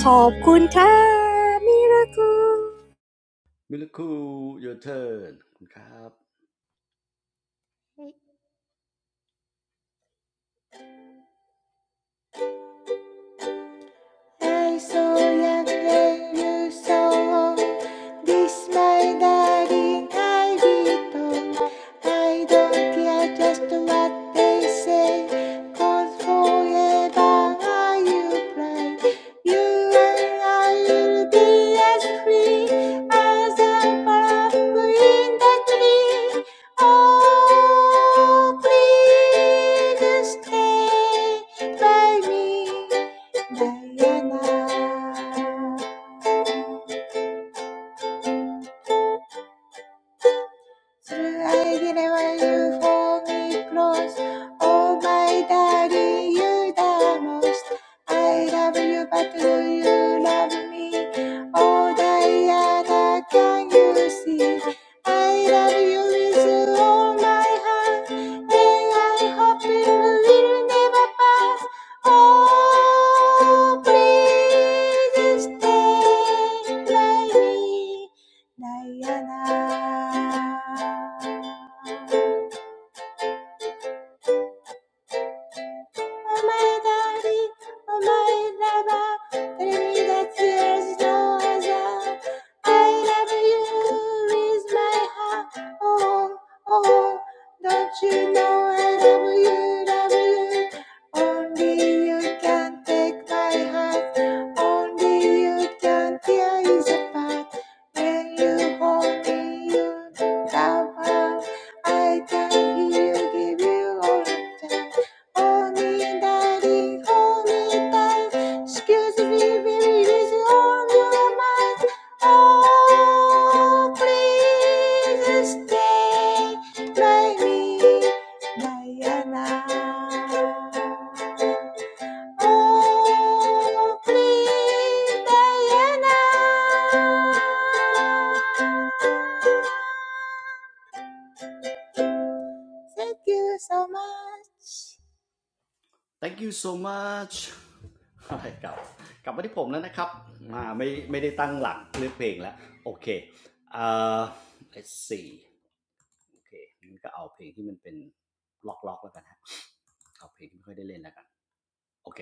[SPEAKER 2] ขอบคุณค่ะมิราคู
[SPEAKER 1] มิลคู your turn คุณครับ
[SPEAKER 4] I'm so young and you're so old. This my darling I be told. I don't care just what they say, 'cause forever are you blind. You and I will be as free as a butterfly in the tree. Oh, please stay by me. Diana, through I didn't want you hold me close. Oh my daddy, you the most. I love you, but do you love me? Oh Diana, can you see? I love you with all my heart, and I hope it will never pass. Oh, please stay by me. Diana. my daddy, oh my lover, enemy that tears no other. I love you with my heart, oh, oh. Don't you know I love you, love you? Only you can take my heart. Only you can tear it apart. When you hold me, you love. I can hear you give you all of them. Only Daddy, hold me tight. Excuse me, baby, this is on your mind. Oh, please stay by me, Diana. Oh, please, Diana. Thank you so much.
[SPEAKER 1] thank you so much กลับกลับมาที่ผมแล้วนะครับมาไม่ไม่ได้ตั้งหลักเลือกเพลงแล้วโอเคเอ่อ let's see โอเคงั้นก็เอาเพลงที่มันเป็นล็อกล็อกแล้วกันฮะเอาเพลงที่ไม่ค่อยได้เล่นแล้วกันโอเค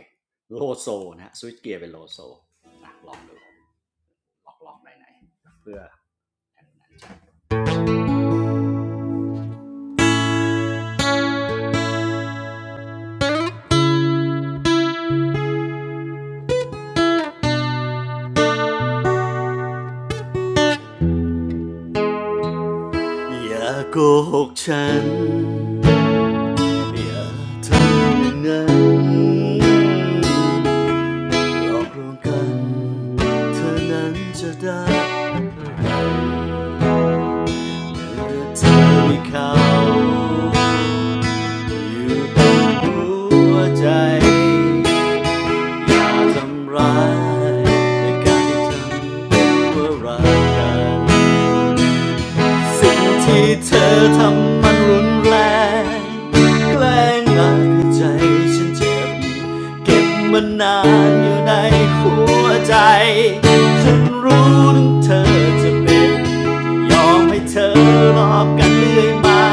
[SPEAKER 1] โลโซนะฮะสวิตเกียร์เป็นโลโซนะลองดูล็อกล็อกไหนไหนๆเพื่อออย่าโกหกฉันอย่าทำอย่างนั้น หลอกลวงกัน เธอนั้นจะได้เมือเธอมีเขา อยู่ตรงหัวใจ อย่าทำร้ายในการที่ทำว่ารักกัน สิ่งที่เธอทำมันรุนแรงแกล้งหลอาให้ใจฉันเจ็บเก็บมานานอยู่ในหัวใจฉันรู้ถึงเธอจะเป็นยอมให้เธอรอบกันเรื่อยมา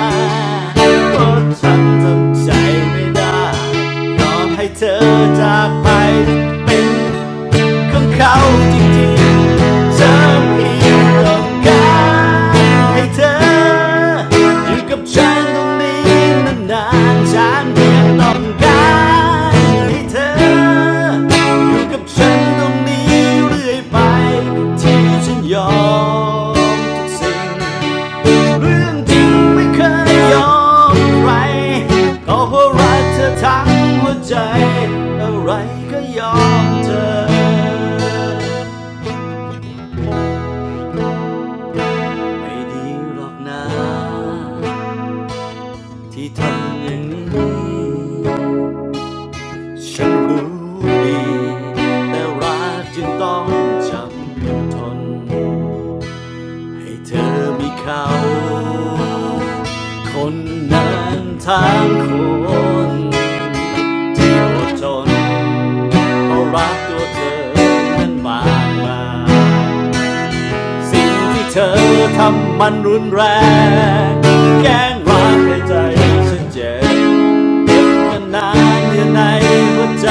[SPEAKER 1] เพราะฉันทำใจไม่ได้ยอมให้เธอจากไปเป็น ของเขาจริงๆเธอเพียงต้องการให้เธออยู่กับฉันตรงนี้นานๆฉันเพียงต้องการให้เธออยู่กับฉันตรงนี้เรื่อยไปที่ฉันยอมทุกสิ่ง เรื่องจริงไม่เคยยอมใครก็เพราะรักเธอทั้งหัวใจ อะไรก็ยอมเธอ ไม่ดีหรอกนะที่ทำอย่างนี้ ฉันรู้ดีแต่รักจึงต้องจำทน ให้เธอมีเขาคนนั้นทั้งคน เที่ยวจนเพราะรักตัวเธอนั้นมากมายสิ่งที่เธอทำมันรุนแรงแกล้งรักในใจฉันเจ็บเก็บกันนานอยู่ในหัวใจ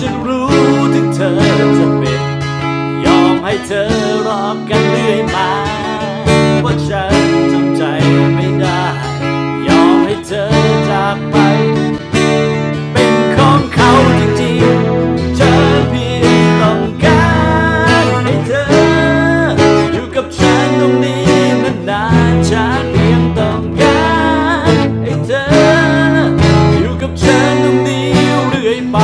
[SPEAKER 1] ฉันรู้ถึงเธอจะเป็น ยอมให้เธอรอกันเรื่อยมาว่าฉันทำใจไม่ได้ ยอมให้เธอจากไป เป็นของเขาจริงๆเธอเพียงต้องการให้เธออยู่กับฉันตรงนี้นานๆฉันเพียงต้องการให้เธออยู่กับฉันตรงนี้เรื่อยไป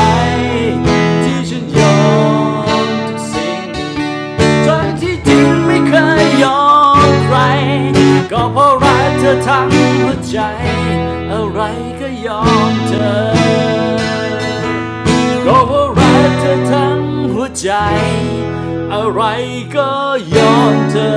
[SPEAKER 1] ที่ฉันยอมทุกสิ่ง ทั้งที่จริงไม่เคยยอมใครก็เพราะรักเธอทั้งหัวใจ อะไรก็ยอมเธอก็เพราะรักเธอทั้งหัวใจ อะไรก็ยอมเธอ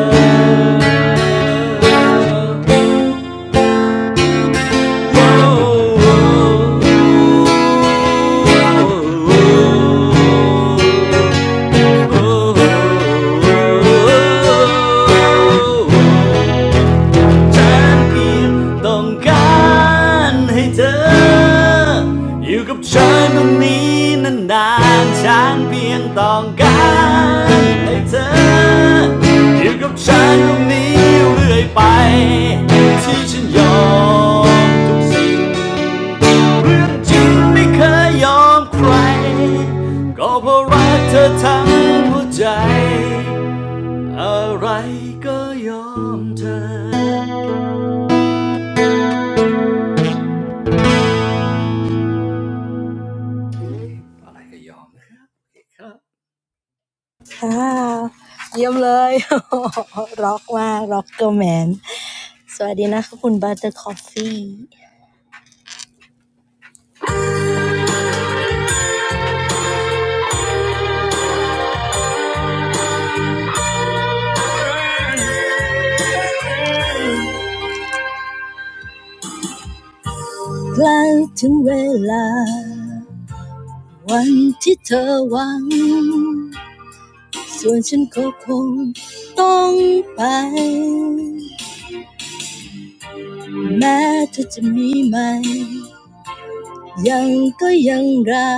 [SPEAKER 1] ฉันเพียงต้องการให้เธออยู่กับฉันตรงนี้นานๆฉันเพียงต้องการให้เธออยู่กับฉันตรงนี้เรื่อยไปที่ฉันยอมทุกสิ่ง เรื่องจริงไม่เคยยอมใครก็เพราะรักเธอทั้งหัวใจอะไรก็ยอมเธออะไรก็ยอมนะครับครับอ
[SPEAKER 2] ค่ะเยี่ยมเลย ร็อกมากร็อกเกอร์แมน สวัสดีนะคะคุณบัตเตอร์คอฟฟี่ใกล้ถึงเวลา วันที่เธอหวังส่วนฉันก็คงต้องไปแม้เธอจะมีไหมยังก็ยังรั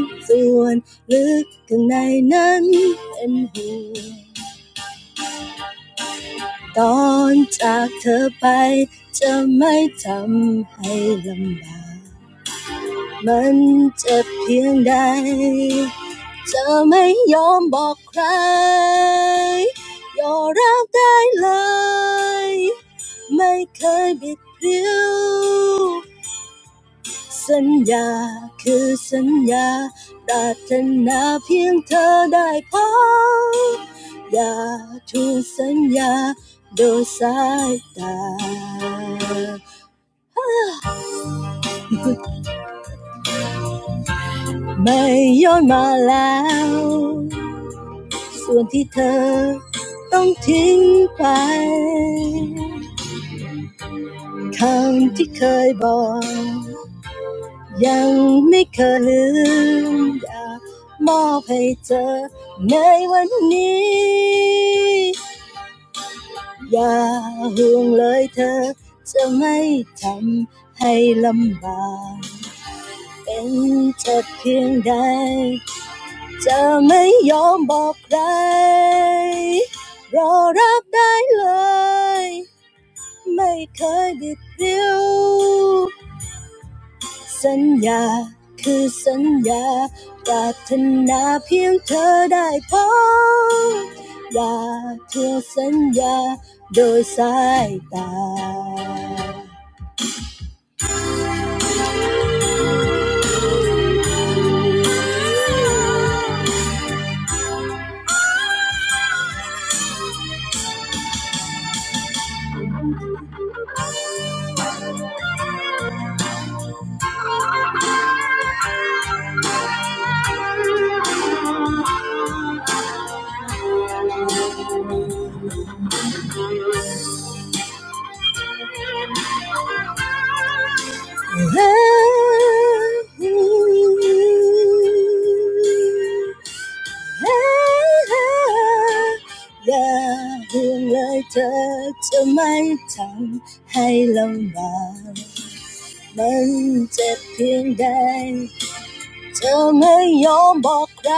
[SPEAKER 2] กส่วนลึกข้างในนั้นเป็นห่วงตอนจากเธอไปจะไม่ทำให้ลำบาก มันจะเพียงใดจะไม่ยอมบอกใคร ยอมรับได้เลย ไม่เคยบิดพริ้วสัญญาคือสัญญาปรารถนาเพียงเธอได้พบอย่าถูกสัญญาโดยสายตา ไม่ย้อนมาแล้ว ส่วนที่เธอต้องทิ้งไปคำที่เคยบอกยังไม่เคยลืมอยากมอบให้เธอในวันนี้อย่าห่วงเลยเธอจะไม่ทำให้ลำบากเป็นเธอเพียงใดจะไม่ยอมบอกใครรอรับได้เลย ไม่เคยบิดเบี้ยวสัญญาคือสัญญาปรารถนาเพียงเธอได้พบอย่าทพื่สัญญาโดยสายตาอย่าห่วงเลยเธอจะไม่ทำให้ลำบาก มันเจ็บเพียงใด เธอไม่ยอมบอกใคร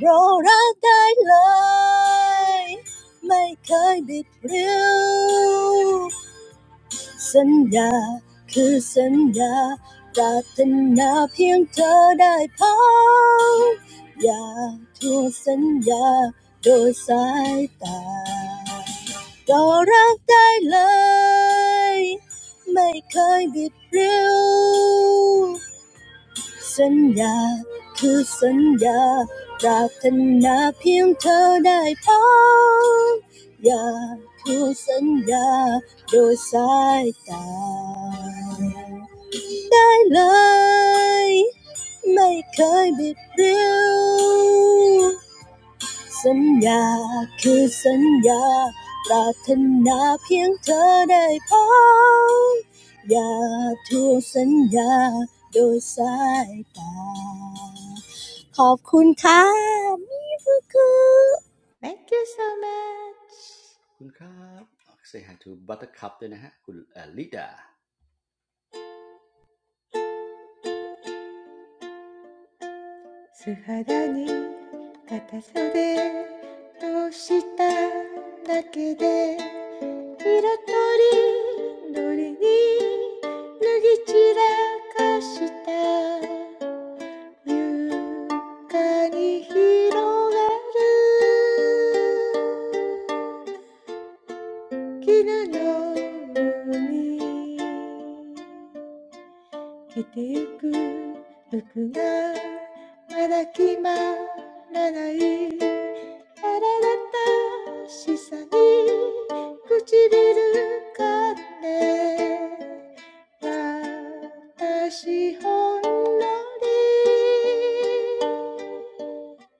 [SPEAKER 2] เรารักได้เลย ไม่เคยบิดเบี้ยวสัญญาคือสัญญาปรารถนาเพียงเธอได้พบอย่าทวงสัญญาโดยสายตา ก็รักได้เลยไม่เคยบิดเบี้ยวสัญญาคือสัญญาปรารถนาเพียงเธอได้พบอย่าคือสัญญาโดยสายตาได้เลยไม่เคยบิดเบี้ยว สัญญาคือสัญญาปรารถนาเพียงเธอได้พบอย่าทวงสัญญาโดยสายตาขอบคุณค่ะมิฟุกุค่ะ
[SPEAKER 4] Thank you so much.
[SPEAKER 1] คุณครับออกเส to buttercup ด้วยนะฮะคุณเอลิดา
[SPEAKER 4] 素肌に片袖通しただけで色とりどりに脱ぎ散らかした床に広がる絹の海来てゆく服がまだ決まらない苛立たしさに唇かんで私ほんのり涙ぐむあなたに会う日の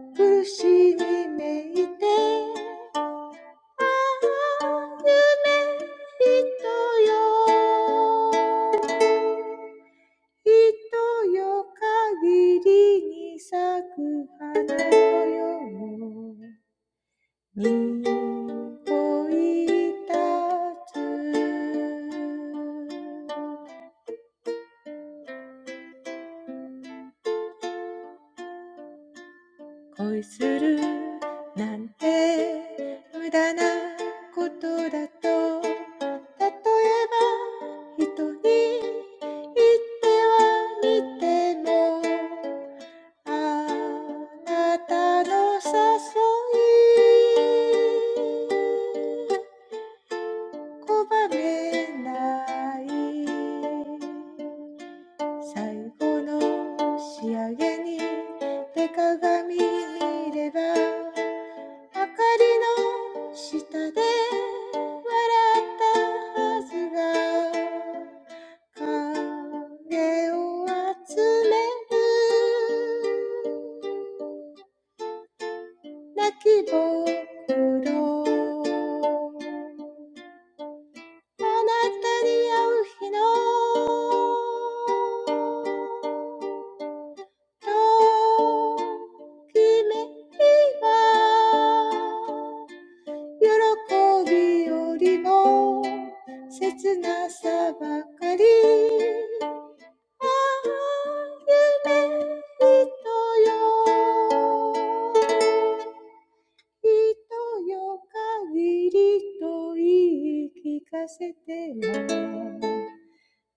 [SPEAKER 4] ときめきは憧れよりも苦しみめいてああ夢人よ人よ限りに咲く花のようにおいたつ恋するなんて無駄なことだと例えば人に言ってはみてもあなたの誘い Coatless, in the end, the mirror reflects the light under the shadow. Tanatari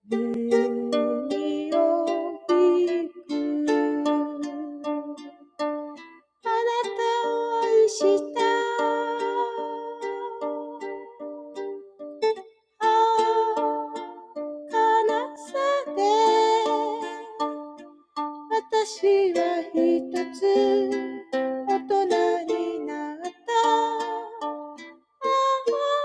[SPEAKER 4] 네이로빅. I loved you. Ah, sadness. I am one. I am an adult. Ah, dreamer.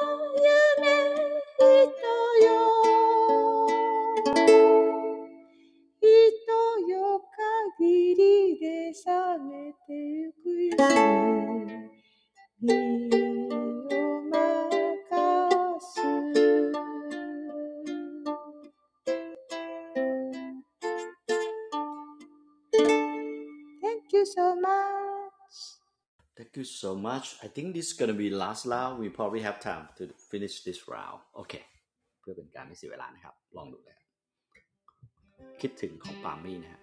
[SPEAKER 4] 人よ限りで覚めてゆくよ身を任す Thank you so much
[SPEAKER 1] Thank you so much I think this is gonna be last round we probably have time to finish this round okay เคเพื่อเป็นการไม่เสียเวลานะครับลองดูเลยคคิดถึงของปาล์มมี่นะฮะ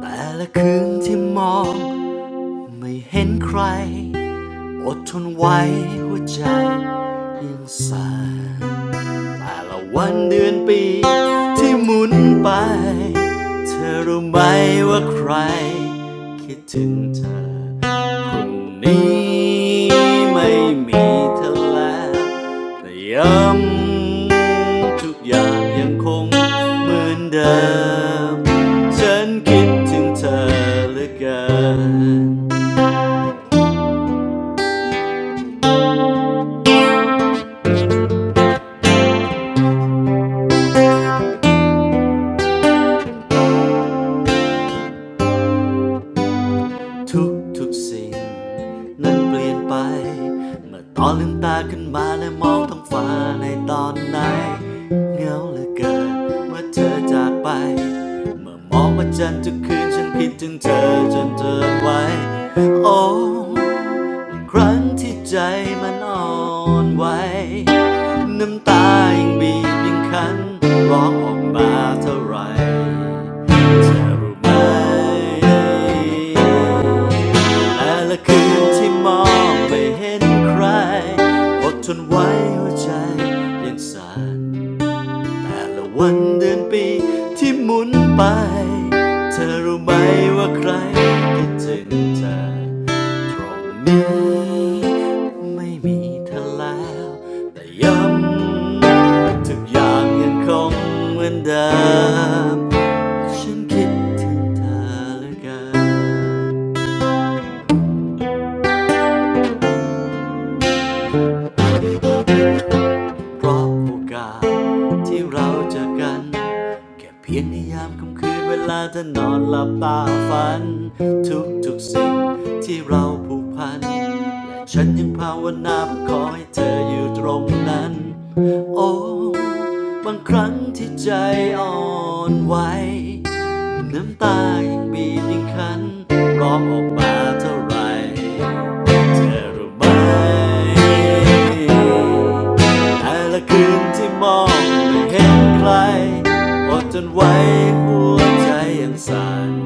[SPEAKER 1] แต่ละคืนที่มอง ไม่เห็นใครอดทนไว้หัวใจยังสั่นแต่ละวันเดือนปีที่หมุนไปเธอรู้ไหมว่าใครคิดถึงเธอคนนี้ไม่มีเธอแล้วแต่ย้ำทุกอย่างยังคงเหมือนเดิมฉันคิดถึงเธอเหลือเกิน ทุกทุกสิ่งนั้นเปลี่ยนไปเมื่อตอนลืมตาขึ้นมาและมองท้องฟ้าในตอนไหนเหงาเหลือเกินเมื่อเธอจากไปเมื่อมองพระจันทร์ทุกคืนฉันคิดถึงเธอจนเธอไว้โอ้ ครั้งที่ใจมันอ่อนไหวน้ำตายิ่งบีบยิ่งคันร้องออกมาเท่าไหรเธอรู้ไหมแต่ละคืนที่มองไม่เห็นใครอดทนไว้หัวใจยังสั่น แต่ละวันเดือนปีที่หมุนไปเธอรู้ไหมว่าใครคิดถึงเธอตรงนี้ไม่มีเธอแล้วแต่ย้ำทุกอย่างยังคงเหมือนเดิมฉันคิดถึงเธอเหลือเกิน เพราะโอกาสที่เราเจอกันแค่เพียงในยามค่ำคืนเวลาเธอนอนหลับตาฝันทุกทุกๆสิ่งที่เราผูกพันและฉันยังภาวนาขอให้เธออยู่ตรงนั้นโอ้บางครั้งที่ใจอ่อนไหว น้ำตายิ่งบีบยิ่งคันร้องออกมาเท่าไรเธอรู้ไหมแต่ละคืนที่มองไม่เห็นใครอดจนไว้หัวใจยังสั่น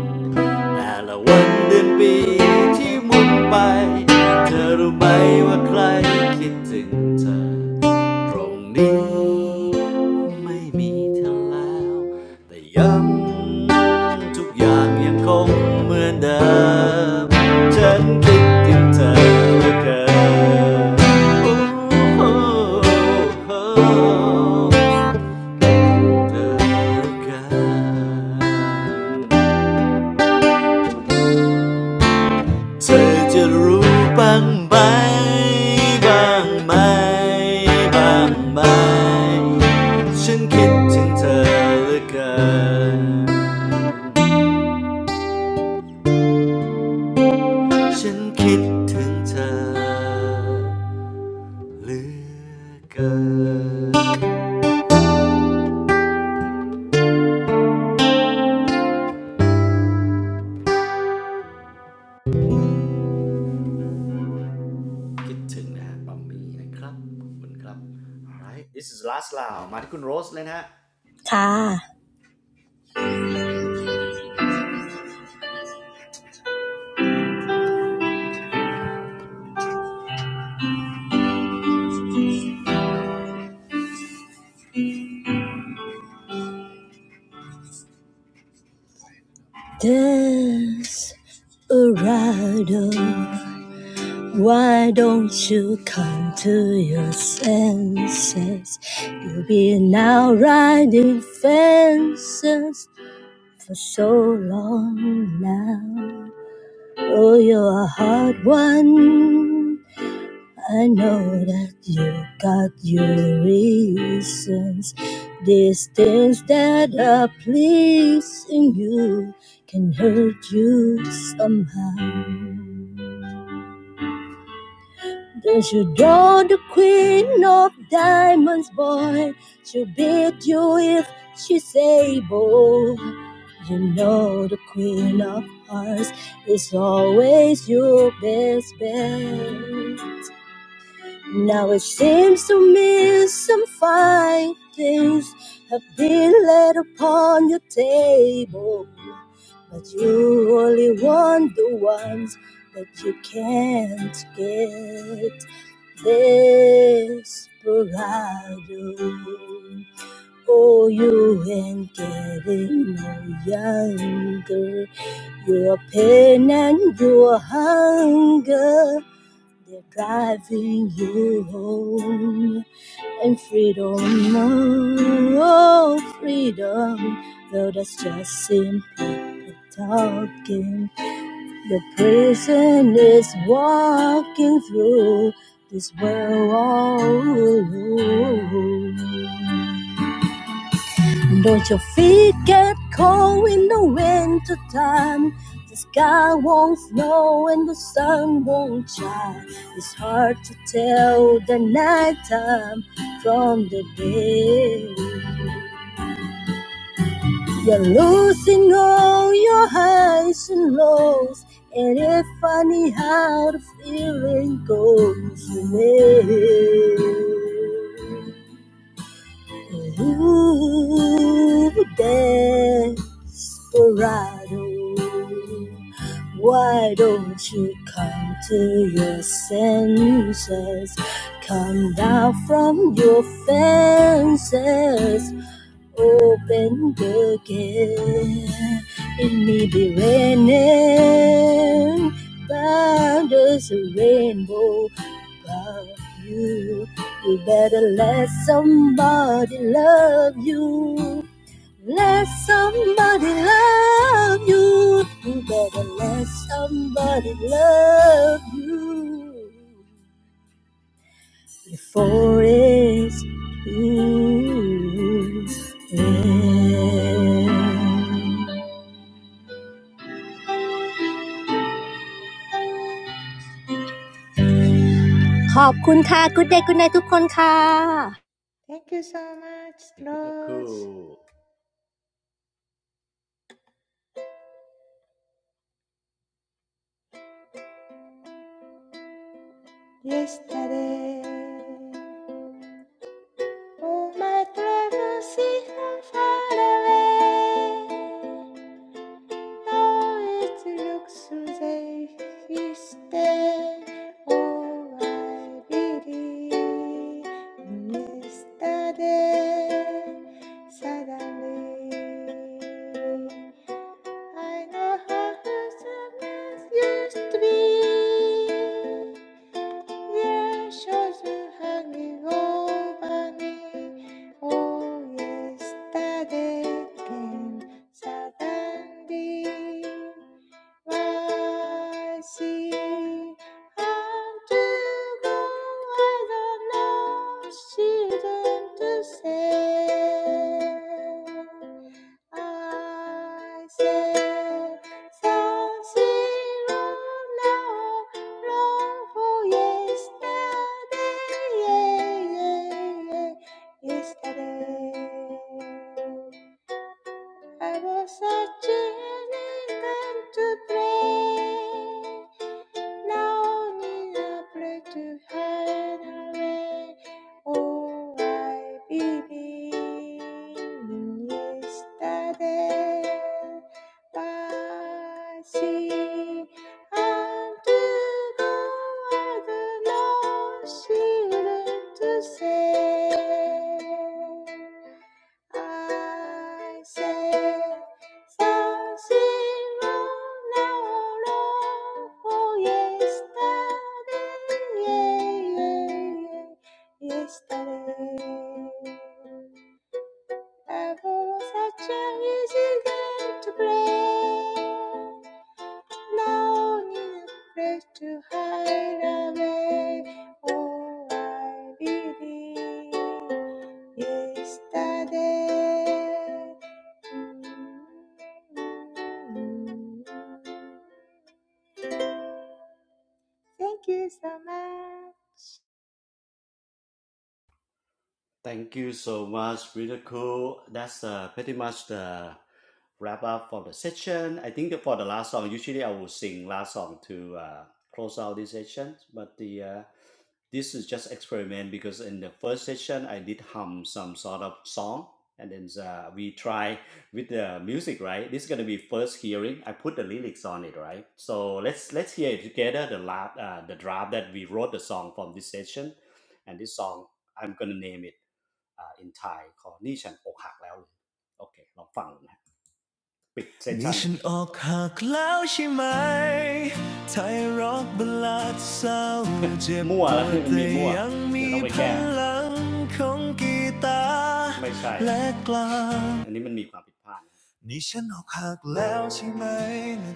[SPEAKER 1] แต่ละวันเดือนปีที่หมุนไปเธอรู้ไหมว่าใครคิดถึงเธอตรงนี้ไม่มีเธอแล้วแต่ย้ำทุกอย่างยังคงเหมือนเดิมฉันคิดถึงเธอเหลือเกินโอ้โหเธอเหลือเกิน เธอจะรู้บ้างไหมบ้างไหมบ้างไหมฉันคิดถึงเธอเหลือเกินฉันคิดถึงเธอเหลือเกินคิดถึงนะฮะบะหมี่นะครับขอบคุณครับ alright this is last round มาที่คุณโรสเลยนะฮะ
[SPEAKER 2] This Urado Why don't you come to your senses You'll be now riding fences. for so long now. Oh, you're a hard one. I know that you got your reasons. These things that are pleasing you can hurt you somehow. Does you draw the queen of diamonds, boy? She'll beat you if she's able. You know the queen of hearts is always your best bet. Now it seems to me some fine things have been laid upon your table, but you only want the ones that you can't get. Desperado, oh, you ain't getting no younger. You are pain and you are hunger. They're driving you home and freedom, oh freedom. Though that's just simply people talking. The prison is walking through this world all alone. Don't your feet get cold in the winter time? The sky won't snow and the sun won't shine. It's hard to tell the night time from the day. You're losing all your highs and lows, and it's funny how the feeling goes away. Ooh, desperado, why don't you come to your senses? Come down from your fences open again. It may be raining, but there's a rainbow above you. You better let somebody love you. Let somebody love you. You better let somebody love you. before it's too late ขอบคุณค่ะคุณนายคุณนายทุกคนค่ะ
[SPEAKER 4] Thank you so much Lord
[SPEAKER 1] miracle
[SPEAKER 4] Yesterday All my troubles seem far away Davet luksuze işte olay birinin istade suddenly I know how happiness used be. Your shores are hanging over me. Oh, yesterday suddenly. I see and to go. I don't know. She didn't to say. I said something wrong now, wrong for yesterday, yeah, yeah, yeah, yesterday. I was searching and then to pray. Now Lonely, a place to hide away. Oh, I believe in yesterday. But see, unto God alone she learned to say. I say. Yesterday, I was such a easy girl to play. No need a place to hide away. Oh, I believe yesterday. Mm, mm, mm. Thank you so much.
[SPEAKER 1] Thank you so much, really cool. That's uh, pretty much the wrap up for the session. I think for the last song, usually I will sing last song to uh, close out this session, but the uh, this is just experiment because in the first session I did hum some sort of song and then uh, we try with the music, right? This is gonna be first hearing. I put the lyrics on it, right? So let's let's hear it together. The la- uh, the draft that we wrote the song from this session, and this song I'm gonna name it. อ่า in Thai ของนี่ฉันอกหักแล้วเลยโอเคลองฟังอนะปิดเซสชั่นนี่ฉันอกหักแล้วใช่ไหมไทยร็อกบลาดเศร้าเจ็บมั่วปแล้วดทมแต่ีมั่วยังเีมียอพลังของกีตาร์และกลางอันนี้มันมีความผิดพลาดนนี่ฉันอกหักแล้วใช่ไหม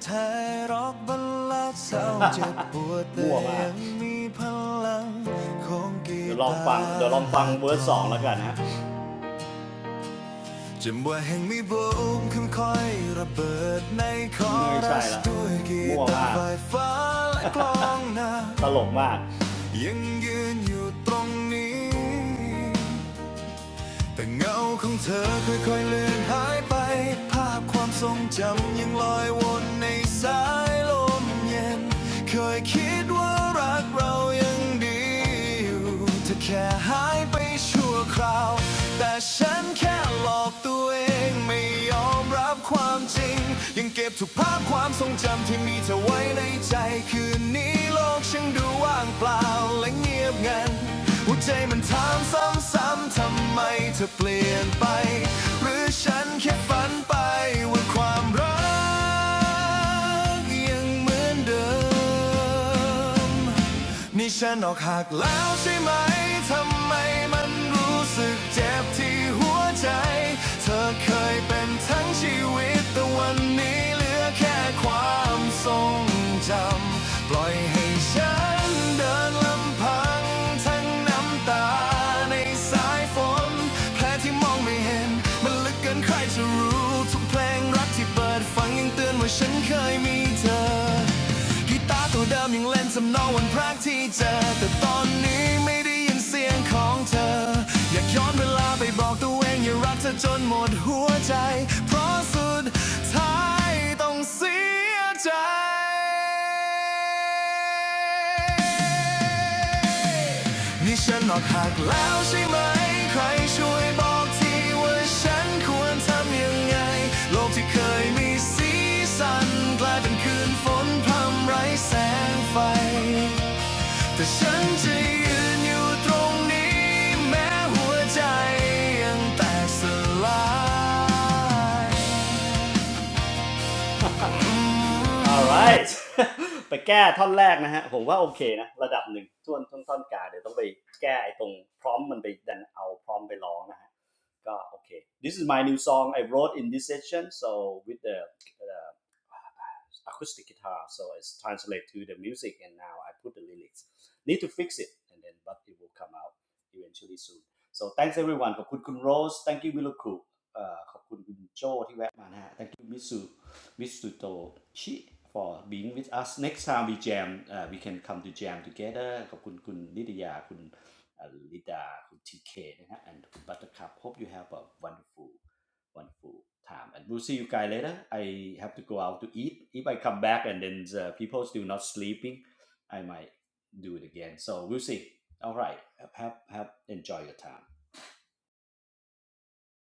[SPEAKER 1] ไทยร็อกบลาดเศร้าเจ็บปวดแต่ยังมีพลังของกีตาร์เดี๋ยวลองฟังเดี๋ยวลองฟังเวอร์สองแล้วกันนะ จำว่าแห่งมีบูมขึ้นค่อยๆระเบิดในคอรัสด้วยกีตาร์ไฟฟ้าและกลองนาตลกมากยังยืนอยู่ตรงนี้ แต่เงาของเธอค่อยๆเลือนหายไป ภาพความทรงจำยังลอยวนในสายลมเย็นเคยคิดว่ารักเรายังดีอยู่เธอแค่หายไปชั่วคราว แต่ฉันแค่หลอกตัวเองไม่ยอมรับความจริง ยังเก็บทุกภาพความทรงจำที่มีเธอไว้ในใจ คืนนี้โลกฉันดูว่างเปล่าและเงียบงันหัวใจมันถามซ้ำ ซ้ำๆทำไมเธอเปลี่ยนไปหรือฉันแค่ฝันไปว่าความรักยังเหมือนเดิม นี่ฉันออกหักแล้วใช่ไหม ทำไมมันรู้สึกเจ็บที่หัวใจ เธอเคยเป็นทั้งชีวิตแต่วันนี้เหลือแค่ความทรงจำ ปล่อยให้ฉันเดินลำพังทั้งน้ำตาในสายฝนแผลที่มองไม่เห็นมันลึกเกินใครจะรู้ ทุกเพลงรักที่เปิดฟังยังเตือนว่าฉันเคยมีเธอ กีตาร์ตัวเดิมยังเล่นสำนองวันพรกที่เจอแต่ตอนนี้ไม่ได้ยินเสียงของเธออยากย้อนเวลาไปบอกตัวเองอย่ารักเธอจนหมดหัวใจเพราะสุดท้ายต้องเสียใจนี่ฉันออกหักแล้วใช่ไหมใครช่วยบอกทีว่าฉันควรทำยังไงโลกที่เคย มีสีสันกลายเป็นคืนฝนพรำไร้แสงไฟแต่ฉันจะยืนอยู่ตรงนี้แม้หัวใจยังแตกสลาย alright ไปแก้ท่อนแรกนะฮะผมว่าโอเคนะระดับหนึ่งท่วนท่อนท่อนกาเดี๋ยวต้องไปแก้ไอ้ตรงพร้อมมันไปดันเอาพร้อมไปร้องนะฮะก็โอเค this is my new song I wrote in this session so with the, the acoustic guitar, so it's translate to the music, and now I put the lyrics. Need to fix it, and then but it will come out eventually soon. So thanks everyone ขอบคุณคุณ Rose. thank you วิลคุเอ่อขอบคุณคุณโจที่แวะมานะฮะ thank you Mitsu, มิสุมิสุโตชิ for being with us next time we jam uh, we can come to jam together ขอบคุณคุณนิตยาคุณลิดาคุณทีเคนะฮะ and คุณ Buttercup. hope you have a wonderful wonderful time. And we'll see you guys later. I have to go out to eat. If I come back and then the people still not sleeping, I might do it again. So we'll see. All right. Have have enjoy your time.